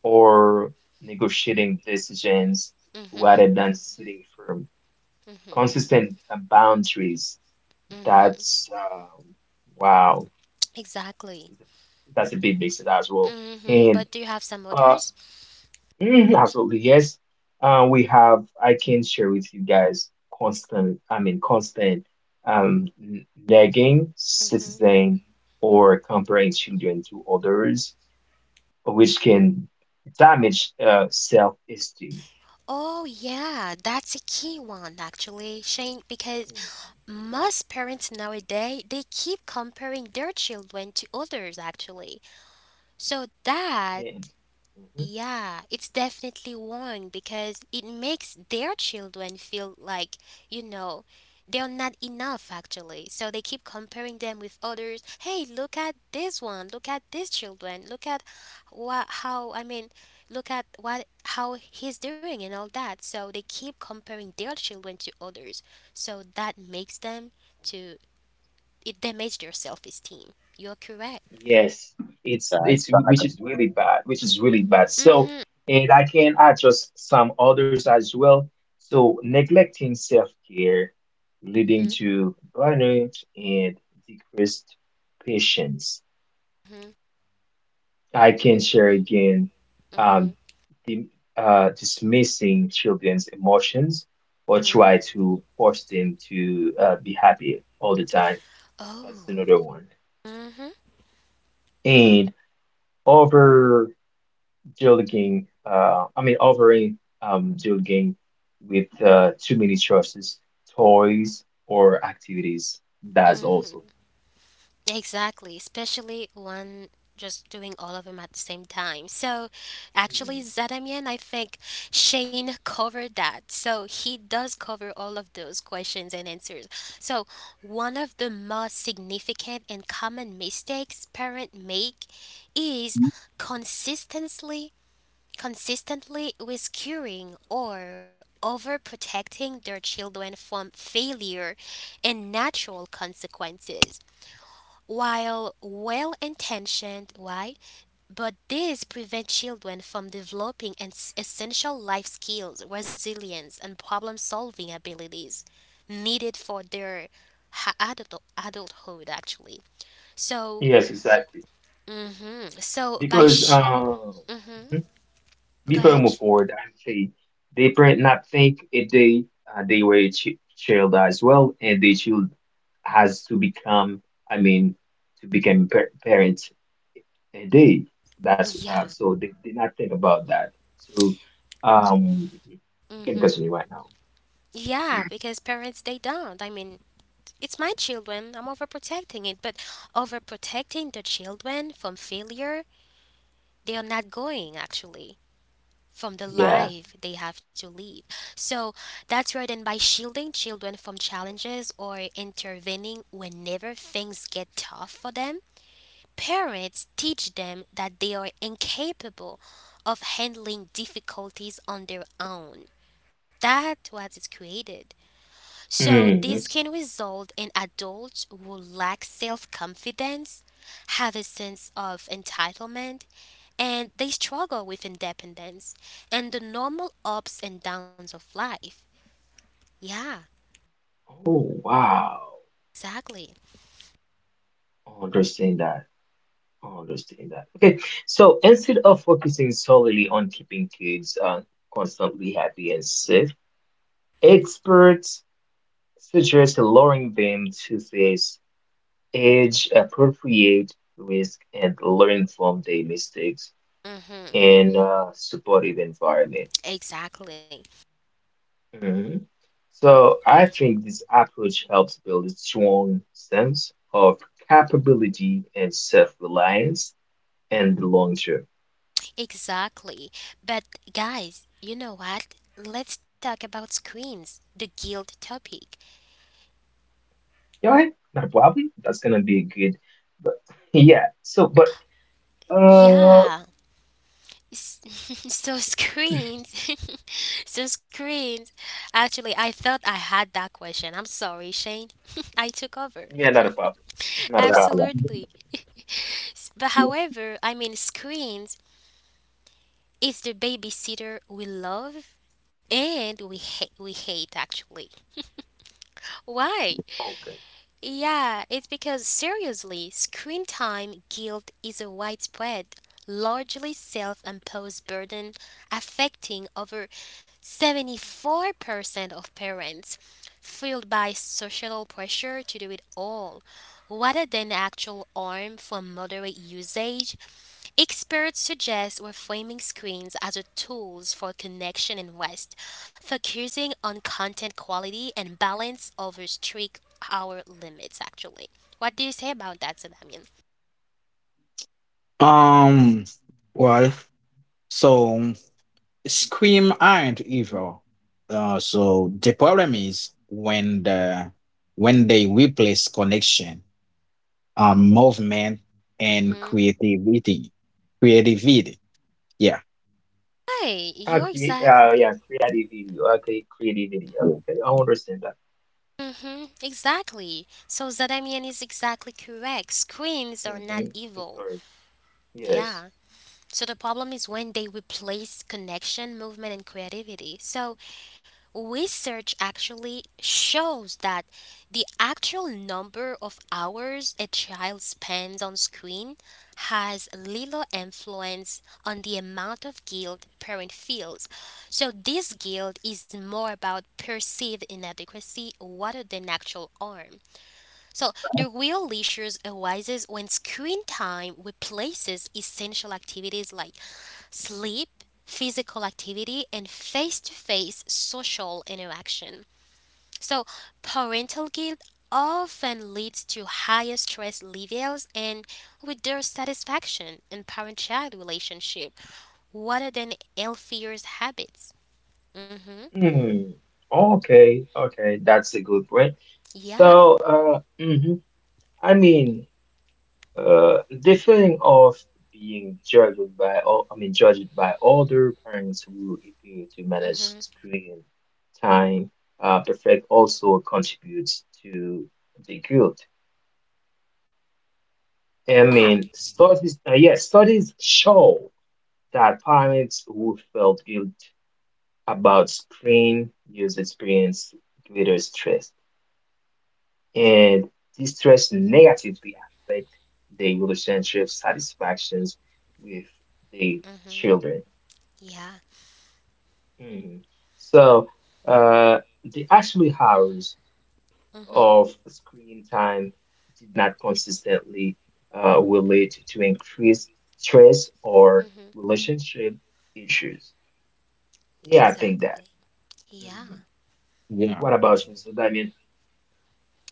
[SPEAKER 3] or negotiating decisions
[SPEAKER 1] Mhm.
[SPEAKER 3] rather than sitting firm.
[SPEAKER 1] Mhm.
[SPEAKER 3] Consistent boundaries.
[SPEAKER 1] Mhm.
[SPEAKER 3] That's wow.
[SPEAKER 1] Exactly.
[SPEAKER 3] That's a big mix as well.
[SPEAKER 1] Mhm.
[SPEAKER 3] And
[SPEAKER 1] But do you have some
[SPEAKER 3] uh,
[SPEAKER 1] others?
[SPEAKER 3] mm, absolutely, yes. We have, I can share with you guys constant, constant nagging,
[SPEAKER 1] Mhm.
[SPEAKER 3] citizen, or comparing children to others, which can damage self-esteem.
[SPEAKER 1] Oh yeah, that's a key one actually, Shane, because
[SPEAKER 3] Mhm.
[SPEAKER 1] most parents nowadays they keep comparing their children to others actually. So that
[SPEAKER 3] And, mm-hmm.
[SPEAKER 1] yeah, it's definitely wrong because it makes their children feel like, you know, they're not enough actually. So they keep comparing them with others. Hey, look at this one. Look at these children. Look at what how I mean, look at what how he's doing and all that. So they keep comparing their children to others. So that makes them to it damage their self-esteem. You're correct.
[SPEAKER 3] Yes, it's
[SPEAKER 2] yeah,
[SPEAKER 3] it's which
[SPEAKER 2] exactly.
[SPEAKER 3] is really bad, which is really bad. So,
[SPEAKER 1] Mhm.
[SPEAKER 3] and I can address some others as well. So, neglecting self-care
[SPEAKER 1] Mhm.
[SPEAKER 3] leading to burnout and decreased patience.
[SPEAKER 1] Mhm.
[SPEAKER 3] I can share again, um,
[SPEAKER 1] Mhm.
[SPEAKER 3] the, dismissing children's emotions or
[SPEAKER 1] Mhm.
[SPEAKER 3] try to force them to be happy all the time. That's
[SPEAKER 1] Oh.
[SPEAKER 3] another one.
[SPEAKER 1] Mm-hmm.
[SPEAKER 3] And Duolingo, offering Duolingo with too many choices, toys, or activities. That's
[SPEAKER 1] Mm,
[SPEAKER 3] also.
[SPEAKER 1] exactly, especially one just doing all of them at the same time. So, actually,
[SPEAKER 3] Mm,
[SPEAKER 1] Zadamian, I think Shane covered that. So, he does cover all of those questions and answers. So, one of the most significant and common mistakes parents make is consistently consistently with curing or overprotecting their children from failure and natural consequences. While well intentioned, why? But these prevent children from developing essential life skills, resilience, and problem solving abilities needed for their adulthood, actually. So,
[SPEAKER 3] yes, exactly.
[SPEAKER 1] hmm, so by
[SPEAKER 3] Because,
[SPEAKER 1] she. Hmm. Go
[SPEAKER 3] before I
[SPEAKER 1] ahead.
[SPEAKER 3] move forward, I say they pray not think it they were a ch child as well, and they child has to become, I mean, to become par parents. And they that's
[SPEAKER 1] Yeah.
[SPEAKER 3] so they did not think about that. So, you
[SPEAKER 1] Hmm.
[SPEAKER 3] can continue right now.
[SPEAKER 1] Yeah, because parents they don't. It's my children. I'm overprotecting it, but overprotecting the children from failure, they are not going actually from the
[SPEAKER 3] Yeah.
[SPEAKER 1] life they have to live. So that's right. And by shielding children from challenges or intervening whenever things get tough for them, parents teach them that they are incapable of handling difficulties on their own. That's what is created. So,
[SPEAKER 3] Mm.
[SPEAKER 1] this can result in adults who lack self confidence, have a sense of entitlement, and they struggle with independence and the normal ups and downs of life. Yeah,
[SPEAKER 3] Oh wow.
[SPEAKER 1] exactly.
[SPEAKER 3] I understand that. I understand that. Okay. So instead of focusing solely on keeping kids constantly happy and safe. Experts suggest lowering them to their age-appropriate risk and learn from their mistakes
[SPEAKER 1] Mm-hmm.
[SPEAKER 3] in a supportive environment.
[SPEAKER 1] Exactly.
[SPEAKER 3] Mhm. So I think this approach helps build a strong sense of capability and self-reliance in the long term.
[SPEAKER 1] Exactly. But, guys, you know what? Let's talk about screens, the guilt topic.
[SPEAKER 3] All right, not a problem. That's gonna be a good, but yeah. So, but uh,
[SPEAKER 1] Yeah, S- so screens so screens actually, I thought I had that question. I'm sorry, Shane. I took over.
[SPEAKER 3] yeah, not a problem. Not a
[SPEAKER 2] Yeah,
[SPEAKER 3] problem.
[SPEAKER 2] yeah.
[SPEAKER 1] Absolutely. But however, I mean, screens is the babysitter we love and we hate actually. Why?
[SPEAKER 3] Okay.
[SPEAKER 1] Yeah, it's because seriously, screen time guilt is a widespread, largely self imposed burden affecting over 74% of parents, fueled by societal pressure to do it all, rather than actual harm from moderate usage. Experts suggest we're framing screens as a tools for connection and rest, focusing on content quality and balance over strict hour limits. Actually, what do you say about that, Zadamian?
[SPEAKER 2] Um, well, so Scream aren't evil. So the problem is when they replace connection, movement and
[SPEAKER 1] Mm-hmm.
[SPEAKER 2] creativity, creativity. Yeah,
[SPEAKER 1] Hi,
[SPEAKER 3] I
[SPEAKER 1] you're
[SPEAKER 3] create,
[SPEAKER 1] exactly.
[SPEAKER 3] yeah, create a video. Okay, create a video.
[SPEAKER 2] yeah.
[SPEAKER 3] Okay, I understand that.
[SPEAKER 1] Mm-hmm, exactly. So Zadamian is exactly correct. Screens are not
[SPEAKER 3] Mm-hmm. It's
[SPEAKER 1] evil.
[SPEAKER 3] correct. Yes.
[SPEAKER 1] Yeah. So the problem is when they replace connection, movement, and creativity. So research actually shows that the actual number of hours a child spends on screen has little influence on the amount of guilt parent feels. So this guilt is more about perceived inadequacy rather than actual harm. So the real issues arises when screen time replaces essential activities like sleep, physical activity, and face to face social interaction. So, parental guilt often leads to higher stress levels and with their satisfaction in parent child relationship rather than healthier habits. Mm-hmm.
[SPEAKER 3] Mm. Okay, okay, that's a good point.
[SPEAKER 1] Yeah.
[SPEAKER 3] So, I mean, the feeling of being judged by, judged by other parents who appear to manage
[SPEAKER 1] Mm-hmm.
[SPEAKER 3] screen time, perfect also contributes to the guilt. I
[SPEAKER 1] Yeah.
[SPEAKER 3] mean, studies, yes, studies show. That pirates who felt guilt about screen use experience greater stress, and this stress negatively affect their relationship satisfactions with their
[SPEAKER 1] Mm-hmm.
[SPEAKER 3] children.
[SPEAKER 1] Yeah.
[SPEAKER 3] Mhm. So the actual hours
[SPEAKER 1] Mm-hmm.
[SPEAKER 3] of screen time did not consistently relate to increased stress or
[SPEAKER 1] Mm-hmm.
[SPEAKER 3] relationship issues. Yeah, I think that.
[SPEAKER 1] Exactly. Yeah.
[SPEAKER 3] Mm-hmm.
[SPEAKER 2] Yeah.
[SPEAKER 3] What about you, Mr. Damien?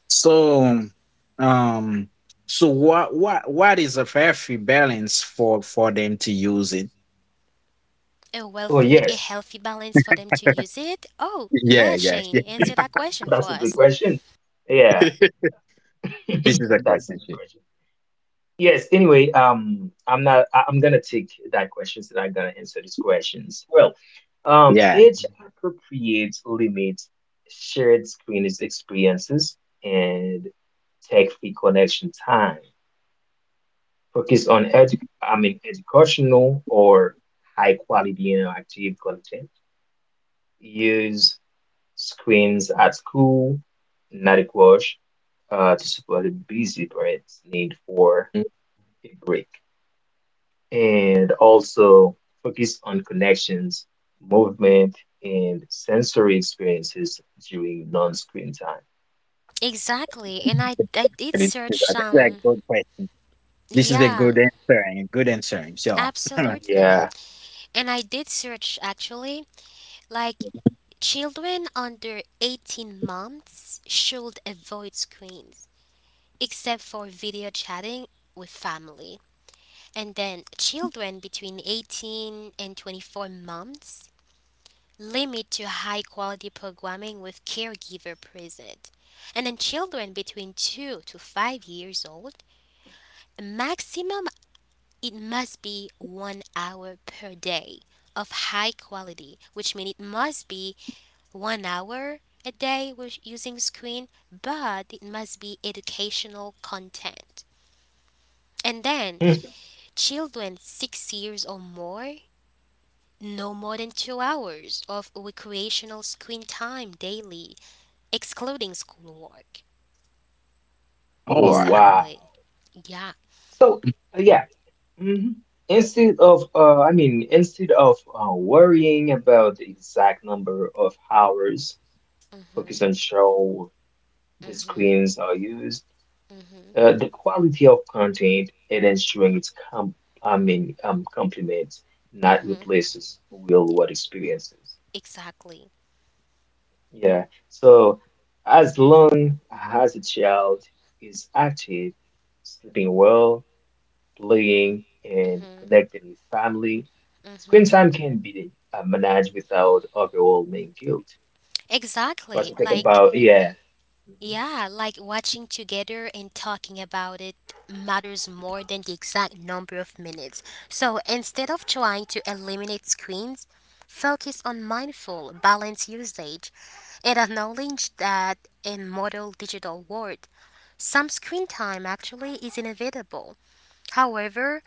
[SPEAKER 2] So, um, so what is a fair free balance for them to use it?
[SPEAKER 1] A
[SPEAKER 3] Oh,
[SPEAKER 1] wealthy, a
[SPEAKER 3] yes.
[SPEAKER 1] healthy balance for them to use it? Oh,
[SPEAKER 2] Yeah,
[SPEAKER 1] yeah,
[SPEAKER 2] yeah,
[SPEAKER 1] Shane, answer that question
[SPEAKER 3] That's
[SPEAKER 1] for
[SPEAKER 3] a good
[SPEAKER 1] us.
[SPEAKER 3] question. Yeah,
[SPEAKER 2] yeah. This is a
[SPEAKER 3] that's a
[SPEAKER 2] question
[SPEAKER 3] good
[SPEAKER 2] sheet.
[SPEAKER 3] question. Yes, anyway, I'm not, I, I'm gonna take that question so that I'm gonna answer these questions. Well,
[SPEAKER 2] Yeah,
[SPEAKER 3] age appropriate limits shared screen is experiences and tech-free connection time. Focus on educational or high quality interactive content. Use screens at school, not inadequate to support the busy parents' need for
[SPEAKER 2] Mm.
[SPEAKER 3] a break. And also focus on connections, movement, and sensory experiences during non-screen time.
[SPEAKER 1] Exactly. And I did
[SPEAKER 2] It is, this
[SPEAKER 1] search
[SPEAKER 2] is a
[SPEAKER 1] some,
[SPEAKER 2] good question. This is a
[SPEAKER 1] yeah,
[SPEAKER 2] good answering, a good answering. So,
[SPEAKER 1] absolutely.
[SPEAKER 3] Yeah.
[SPEAKER 1] And I did search actually, like, children under 18 months should avoid screens except for video chatting with family. And then children between 18 and 24 months, limit to high quality programming with caregiver present. And then children between 2 to 5 years old, maximum. It must be 1 hour per day of high quality, which means it must be 1 hour a day with using screen, but it must be educational content. And then
[SPEAKER 3] Mhm.
[SPEAKER 1] children 6 years or more, no more than 2 hours of recreational screen time daily, excluding schoolwork.
[SPEAKER 3] Oh
[SPEAKER 2] all right.
[SPEAKER 3] wow.
[SPEAKER 1] Exactly. Yeah.
[SPEAKER 3] So uh, yeah, hmm instead of instead of worrying about the exact number of hours,
[SPEAKER 1] Mm-hmm.
[SPEAKER 3] focus on how the
[SPEAKER 1] Mm-hmm.
[SPEAKER 3] screens are used.
[SPEAKER 1] Mm-hmm.
[SPEAKER 3] The quality of content and ensuring it's complements, not
[SPEAKER 1] Mm-hmm.
[SPEAKER 3] replaces real-world experiences.
[SPEAKER 1] Exactly.
[SPEAKER 3] Yeah. So as long as a child is active, sleeping well, playing, and
[SPEAKER 1] Mm-hmm.
[SPEAKER 3] connecting with family, screen
[SPEAKER 1] Mm-hmm.
[SPEAKER 3] time can be managed without overwhelming guilt. What
[SPEAKER 1] Exactly.
[SPEAKER 3] you think
[SPEAKER 1] Like,
[SPEAKER 3] about? Yeah. Mhm.
[SPEAKER 1] yeah, like watching together and talking about it matters more than the exact number of minutes. So instead of trying to eliminate screens, focus on mindful, balanced usage and acknowledge that in modern digital world, some screen time actually is inevitable. However,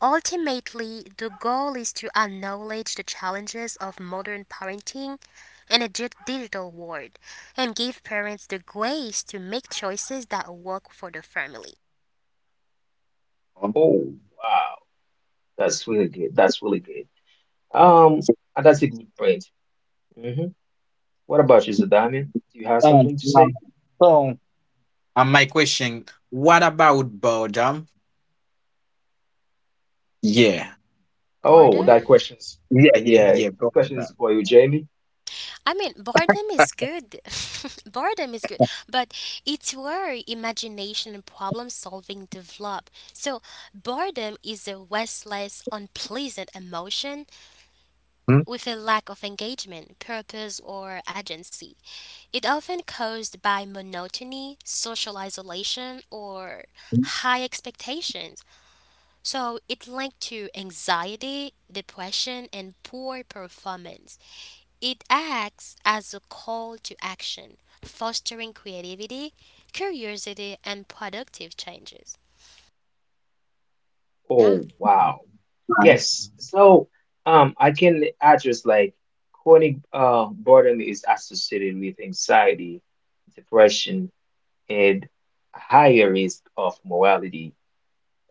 [SPEAKER 1] ultimately, the goal is to acknowledge the challenges of modern parenting in a digital world and give parents the grace to make choices that work for the family.
[SPEAKER 3] Oh, wow. That's really good. That's really good. Um,
[SPEAKER 2] So,
[SPEAKER 3] and that's a good point. Mhm. What about you, Zadamian? Do you have
[SPEAKER 2] um,
[SPEAKER 3] something to
[SPEAKER 2] now,
[SPEAKER 3] say?
[SPEAKER 2] so, and my question, what about boredom? Yeah.
[SPEAKER 3] Oh,
[SPEAKER 1] Boredom?
[SPEAKER 3] that question's
[SPEAKER 2] Yeah, yeah,
[SPEAKER 3] yeah,
[SPEAKER 2] yeah,
[SPEAKER 3] this
[SPEAKER 2] both.
[SPEAKER 3] question is for you, Jamie.
[SPEAKER 1] I mean, boredom is good. Boredom is good, but it's where imagination and problem solving develop. So, boredom is a restless, unpleasant emotion with a lack of engagement, purpose, or agency. It often caused by monotony, social isolation, or
[SPEAKER 2] Hmm?
[SPEAKER 1] high expectations. So it linked to anxiety, depression, and poor performance. It acts as a call to action, fostering creativity, curiosity, and productive changes. Yeah.
[SPEAKER 3] Oh, wow.
[SPEAKER 2] Right.
[SPEAKER 3] Yes. So, I can address like chronic boredom is associated with anxiety, depression, and higher risk of mortality,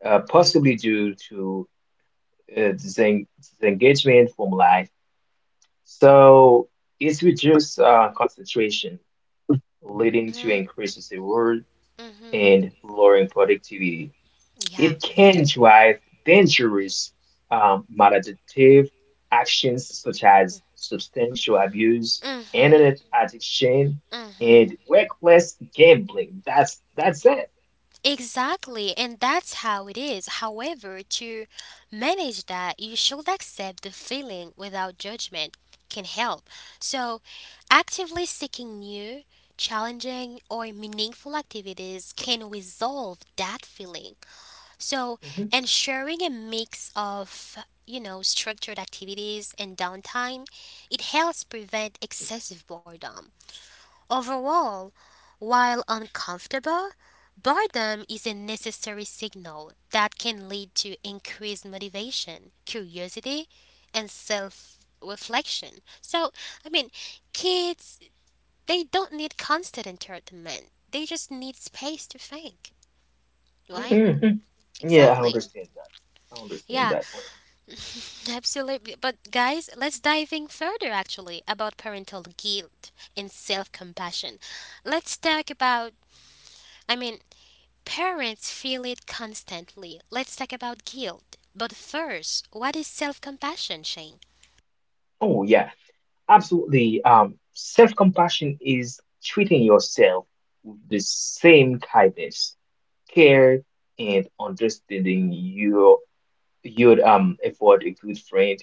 [SPEAKER 3] possibly due to disengagement from life. So, it's reduced concentration, leading to
[SPEAKER 1] Mhm.
[SPEAKER 3] increases in work
[SPEAKER 1] Mhm.
[SPEAKER 3] and lowering productivity.
[SPEAKER 1] Yeah.
[SPEAKER 3] It can drive dangerous maladaptive actions such as substantial abuse,
[SPEAKER 1] Mhm.
[SPEAKER 3] internet addiction,
[SPEAKER 1] Mhm.
[SPEAKER 3] and reckless gambling. That's it.
[SPEAKER 1] Exactly, and that's how it is. However, to manage that, you should accept the feeling without judgment can help. So, actively seeking new, challenging, or meaningful activities can resolve that feeling. So,
[SPEAKER 3] Mhm.
[SPEAKER 1] ensuring a mix of, structured activities and downtime, it helps prevent excessive boredom. Overall, while uncomfortable, boredom is a necessary signal that can lead to increased motivation, curiosity, and self reflection. So, I mean, kids, they don't need constant entertainment, they just need space to think, right?
[SPEAKER 3] Mhm. Yeah, I
[SPEAKER 1] Exactly.
[SPEAKER 3] understand that. I understand
[SPEAKER 1] Yeah,
[SPEAKER 3] that one.
[SPEAKER 1] absolutely. But guys, let's dive in further actually about parental guilt and self-compassion. Let's talk about, I mean, parents feel it constantly. Let's talk about guilt. But first, what is self compassion, Shane?
[SPEAKER 3] Oh yeah, absolutely. Self-compassion is treating yourself with the same kindness, care, and understanding you'd afford a good friend,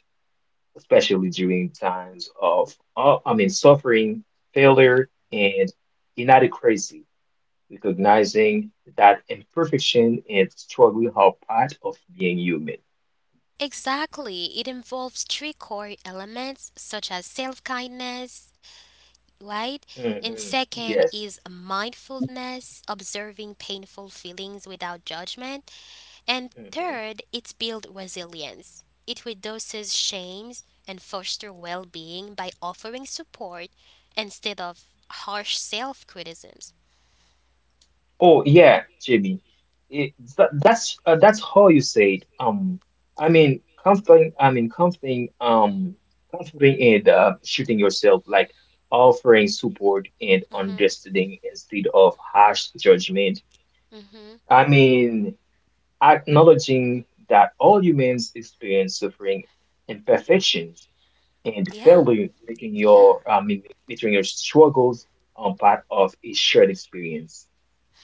[SPEAKER 3] especially during times of, suffering,
[SPEAKER 1] Mhm.
[SPEAKER 3] failure, and inadequacy, recognizing that imperfection and struggle are part of being human.
[SPEAKER 1] Exactly. It involves three core elements such as self kindness, right? And
[SPEAKER 3] Mhm.
[SPEAKER 1] second
[SPEAKER 3] Yes.
[SPEAKER 1] is mindfulness, observing painful feelings without judgment. And
[SPEAKER 3] Mhm.
[SPEAKER 1] third, it's build resilience. It reduces shames and foster well being by offering support instead of harsh self criticism.
[SPEAKER 3] Oh yeah, Jimmy. It, that's how you say it. Comforting. Comforting and shooting yourself, like offering support and
[SPEAKER 1] Mhm.
[SPEAKER 3] understanding instead of harsh judgment.
[SPEAKER 1] Mhm.
[SPEAKER 3] I mean, acknowledging that all humans experience suffering, imperfections, and
[SPEAKER 1] Yeah.
[SPEAKER 3] failure,
[SPEAKER 1] Yeah.
[SPEAKER 3] making your struggles part of a shared experience.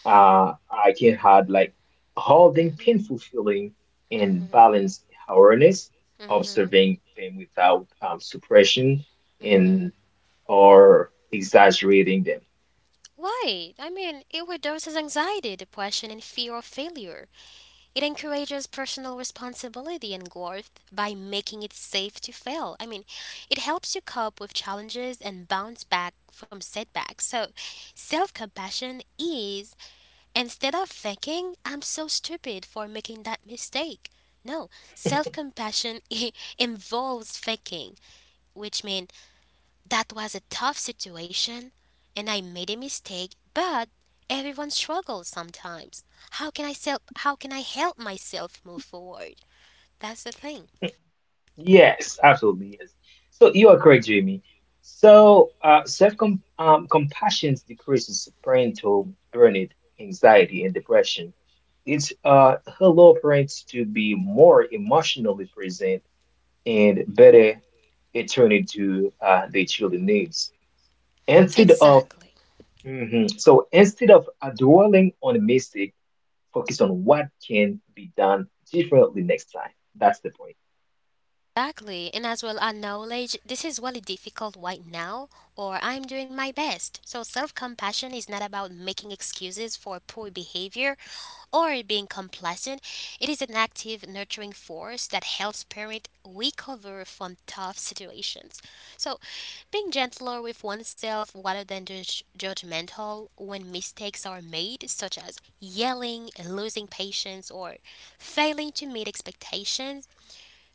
[SPEAKER 3] I can have like holding
[SPEAKER 1] Mhm.
[SPEAKER 3] painful feeling and
[SPEAKER 1] Mhm.
[SPEAKER 3] balanced awareness,
[SPEAKER 1] Mhm.
[SPEAKER 3] observing them without suppression and
[SPEAKER 1] Mhm.
[SPEAKER 3] or exaggerating them.
[SPEAKER 1] Why? I mean, it reduces anxiety, depression, and fear of failure. It encourages personal responsibility and growth by making it safe to fail. I mean, it helps you cope with challenges and bounce back from setbacks. So, self-compassion is, instead of thinking, "I'm so stupid for making that mistake." No, self compassion involves thinking. Which meant that was a tough situation and I made a mistake, but everyone struggles sometimes. How can I help myself move forward? That's the thing.
[SPEAKER 3] Yes, absolutely yes. So you are correct, Jamie. So self com compassion decreases parental burnout, anxiety, and depression. It helps parents to be more emotionally present and better attorney to the children needs. Instead of
[SPEAKER 1] Exactly.
[SPEAKER 3] mhm. so instead of dwelling on the mistake, focus on what can be done differently next time. That's the point.
[SPEAKER 1] Exactly, and as well as knowledge. This is really difficult right now, or I'm doing my best. So, self compassion is not about making excuses for poor behavior or being complacent. It is an active, nurturing force that helps parents recover from tough situations. So, being gentler with oneself rather than judgmental when mistakes are made, such as yelling, losing patience, or failing to meet expectations,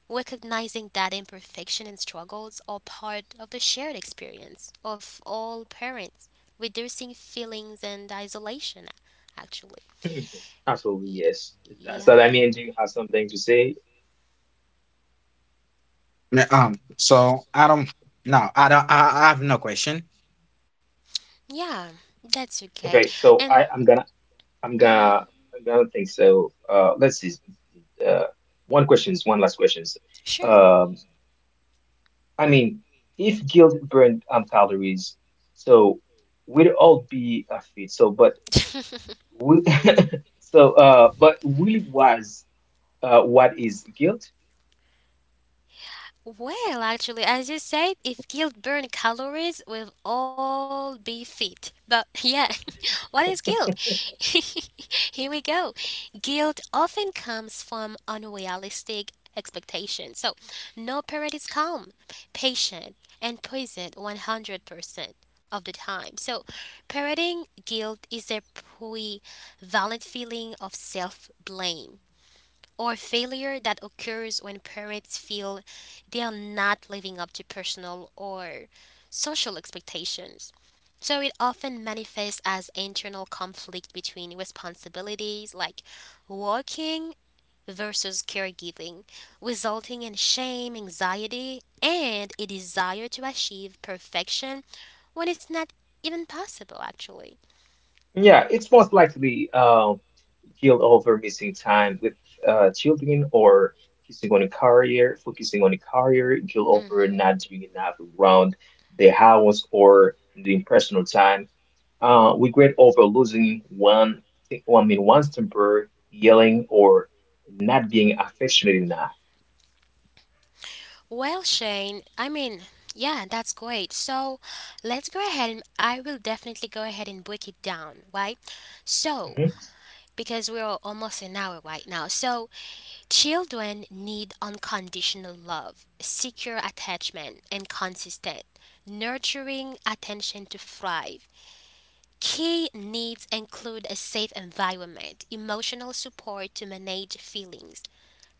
[SPEAKER 1] recognizing that imperfection and struggles are part of the shared experience of all parents, reducing feelings and isolation, actually.
[SPEAKER 3] Mhm. Absolutely,
[SPEAKER 1] Ye-
[SPEAKER 3] yes. So that
[SPEAKER 1] Yeah,
[SPEAKER 3] means you have something to say.
[SPEAKER 2] So I don't no, I don't I have no question.
[SPEAKER 1] yeah, that's okay.
[SPEAKER 3] Okay, so
[SPEAKER 1] And,
[SPEAKER 3] I, I'm gonna I'm
[SPEAKER 1] mhm,
[SPEAKER 3] gonna I'm gonna think so. Let's see. Uh, one questions, one last questions.
[SPEAKER 1] sure.
[SPEAKER 3] Um, I mean, if guilt burned calories, so we'd all be fit. So, we, so but really was what is guilt?
[SPEAKER 1] Well, actually, as you said, if guilt burned calories, we'll all be fit. But yeah, what is guilt? Here we go. Guilt often comes from unrealistic expectations. So, no parent is calm, patient, and present 100% of the time. So, parenting guilt is a pre-valid feeling of self blame or failure that occurs when parents feel they are not living up to personal or social expectations. So it often manifests as internal conflict between responsibilities like working versus caregiving, resulting in shame, anxiety, and a desire to achieve perfection when it's not even possible actually.
[SPEAKER 3] Yeah, it's most likely guilt over missing time with children or focusing on a career, focusing on a career, guilt over
[SPEAKER 1] Mhm.
[SPEAKER 3] not doing enough around the house or doing personal time. Regret over losing one's temper, yelling, or not being affectionate enough.
[SPEAKER 1] Well, Shane, I mean, yeah, that's great. So let's go ahead and I will definitely go ahead and break it down, right? So,
[SPEAKER 3] Hmm
[SPEAKER 1] because we're almost an hour right now. So, children need unconditional love, secure attachment, and consistent, nurturing attention to thrive. Key needs include a safe environment, emotional support to manage feelings,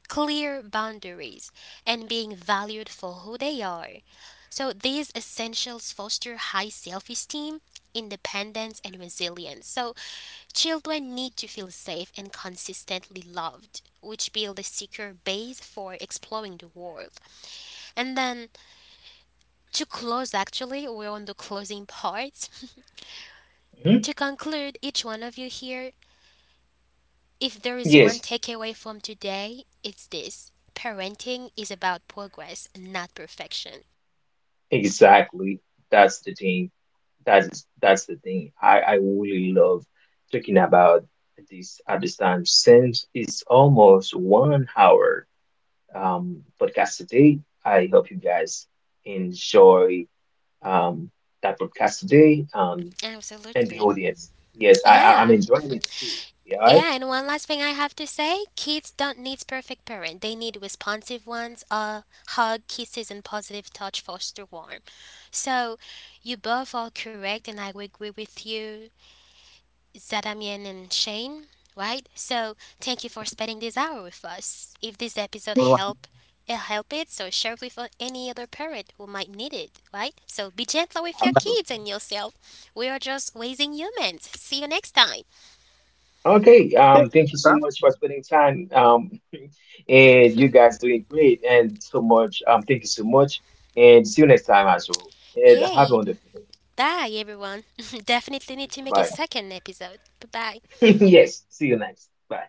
[SPEAKER 1] clear boundaries, and being valued for who they are. So these essentials foster high self-esteem, independence, and resilience. So children need to feel safe and consistently loved, which build a secure base for exploring the world. And then to close, actually, we're on the closing part.
[SPEAKER 3] hmm
[SPEAKER 1] To conclude, each one of you here, if there is one
[SPEAKER 3] Yes,
[SPEAKER 1] takeaway from today, it's this: parenting is about progress, not perfection.
[SPEAKER 3] exactly. That's the thing. That's the thing. I really love talking about this at this time since it's almost 1 hour podcast today. I hope you guys enjoy um that podcast today. And the
[SPEAKER 1] Absolutely.
[SPEAKER 3] audience. Yes, I I'm
[SPEAKER 1] Yeah.
[SPEAKER 3] enjoying it too. Yeah, right?
[SPEAKER 1] Yeah, and one last thing I have to say: kids don't need perfect parent. They need responsive ones, a hug, kisses, and positive touch foster warm. So you both are correct, and I agree with you. Zadamian and Shane, right? So thank you for spending this hour with us. If this episode
[SPEAKER 2] All
[SPEAKER 1] help it, so share it with any other parent who might need it, right? So be gentle with your kids
[SPEAKER 3] Absolutely.
[SPEAKER 1] and yourself. We are just raising humans. See you next time.
[SPEAKER 3] Okay. Thank you so
[SPEAKER 2] right.
[SPEAKER 3] much for spending time. And you guys doing great and so much. Thank you so much, and see you next time as well. And have a
[SPEAKER 1] Yay!
[SPEAKER 3] wonderful day.
[SPEAKER 1] Bye everyone. Definitely need to make a
[SPEAKER 3] Bye.
[SPEAKER 1] second episode. Bye bye.
[SPEAKER 3] Yes, see you next. Bye.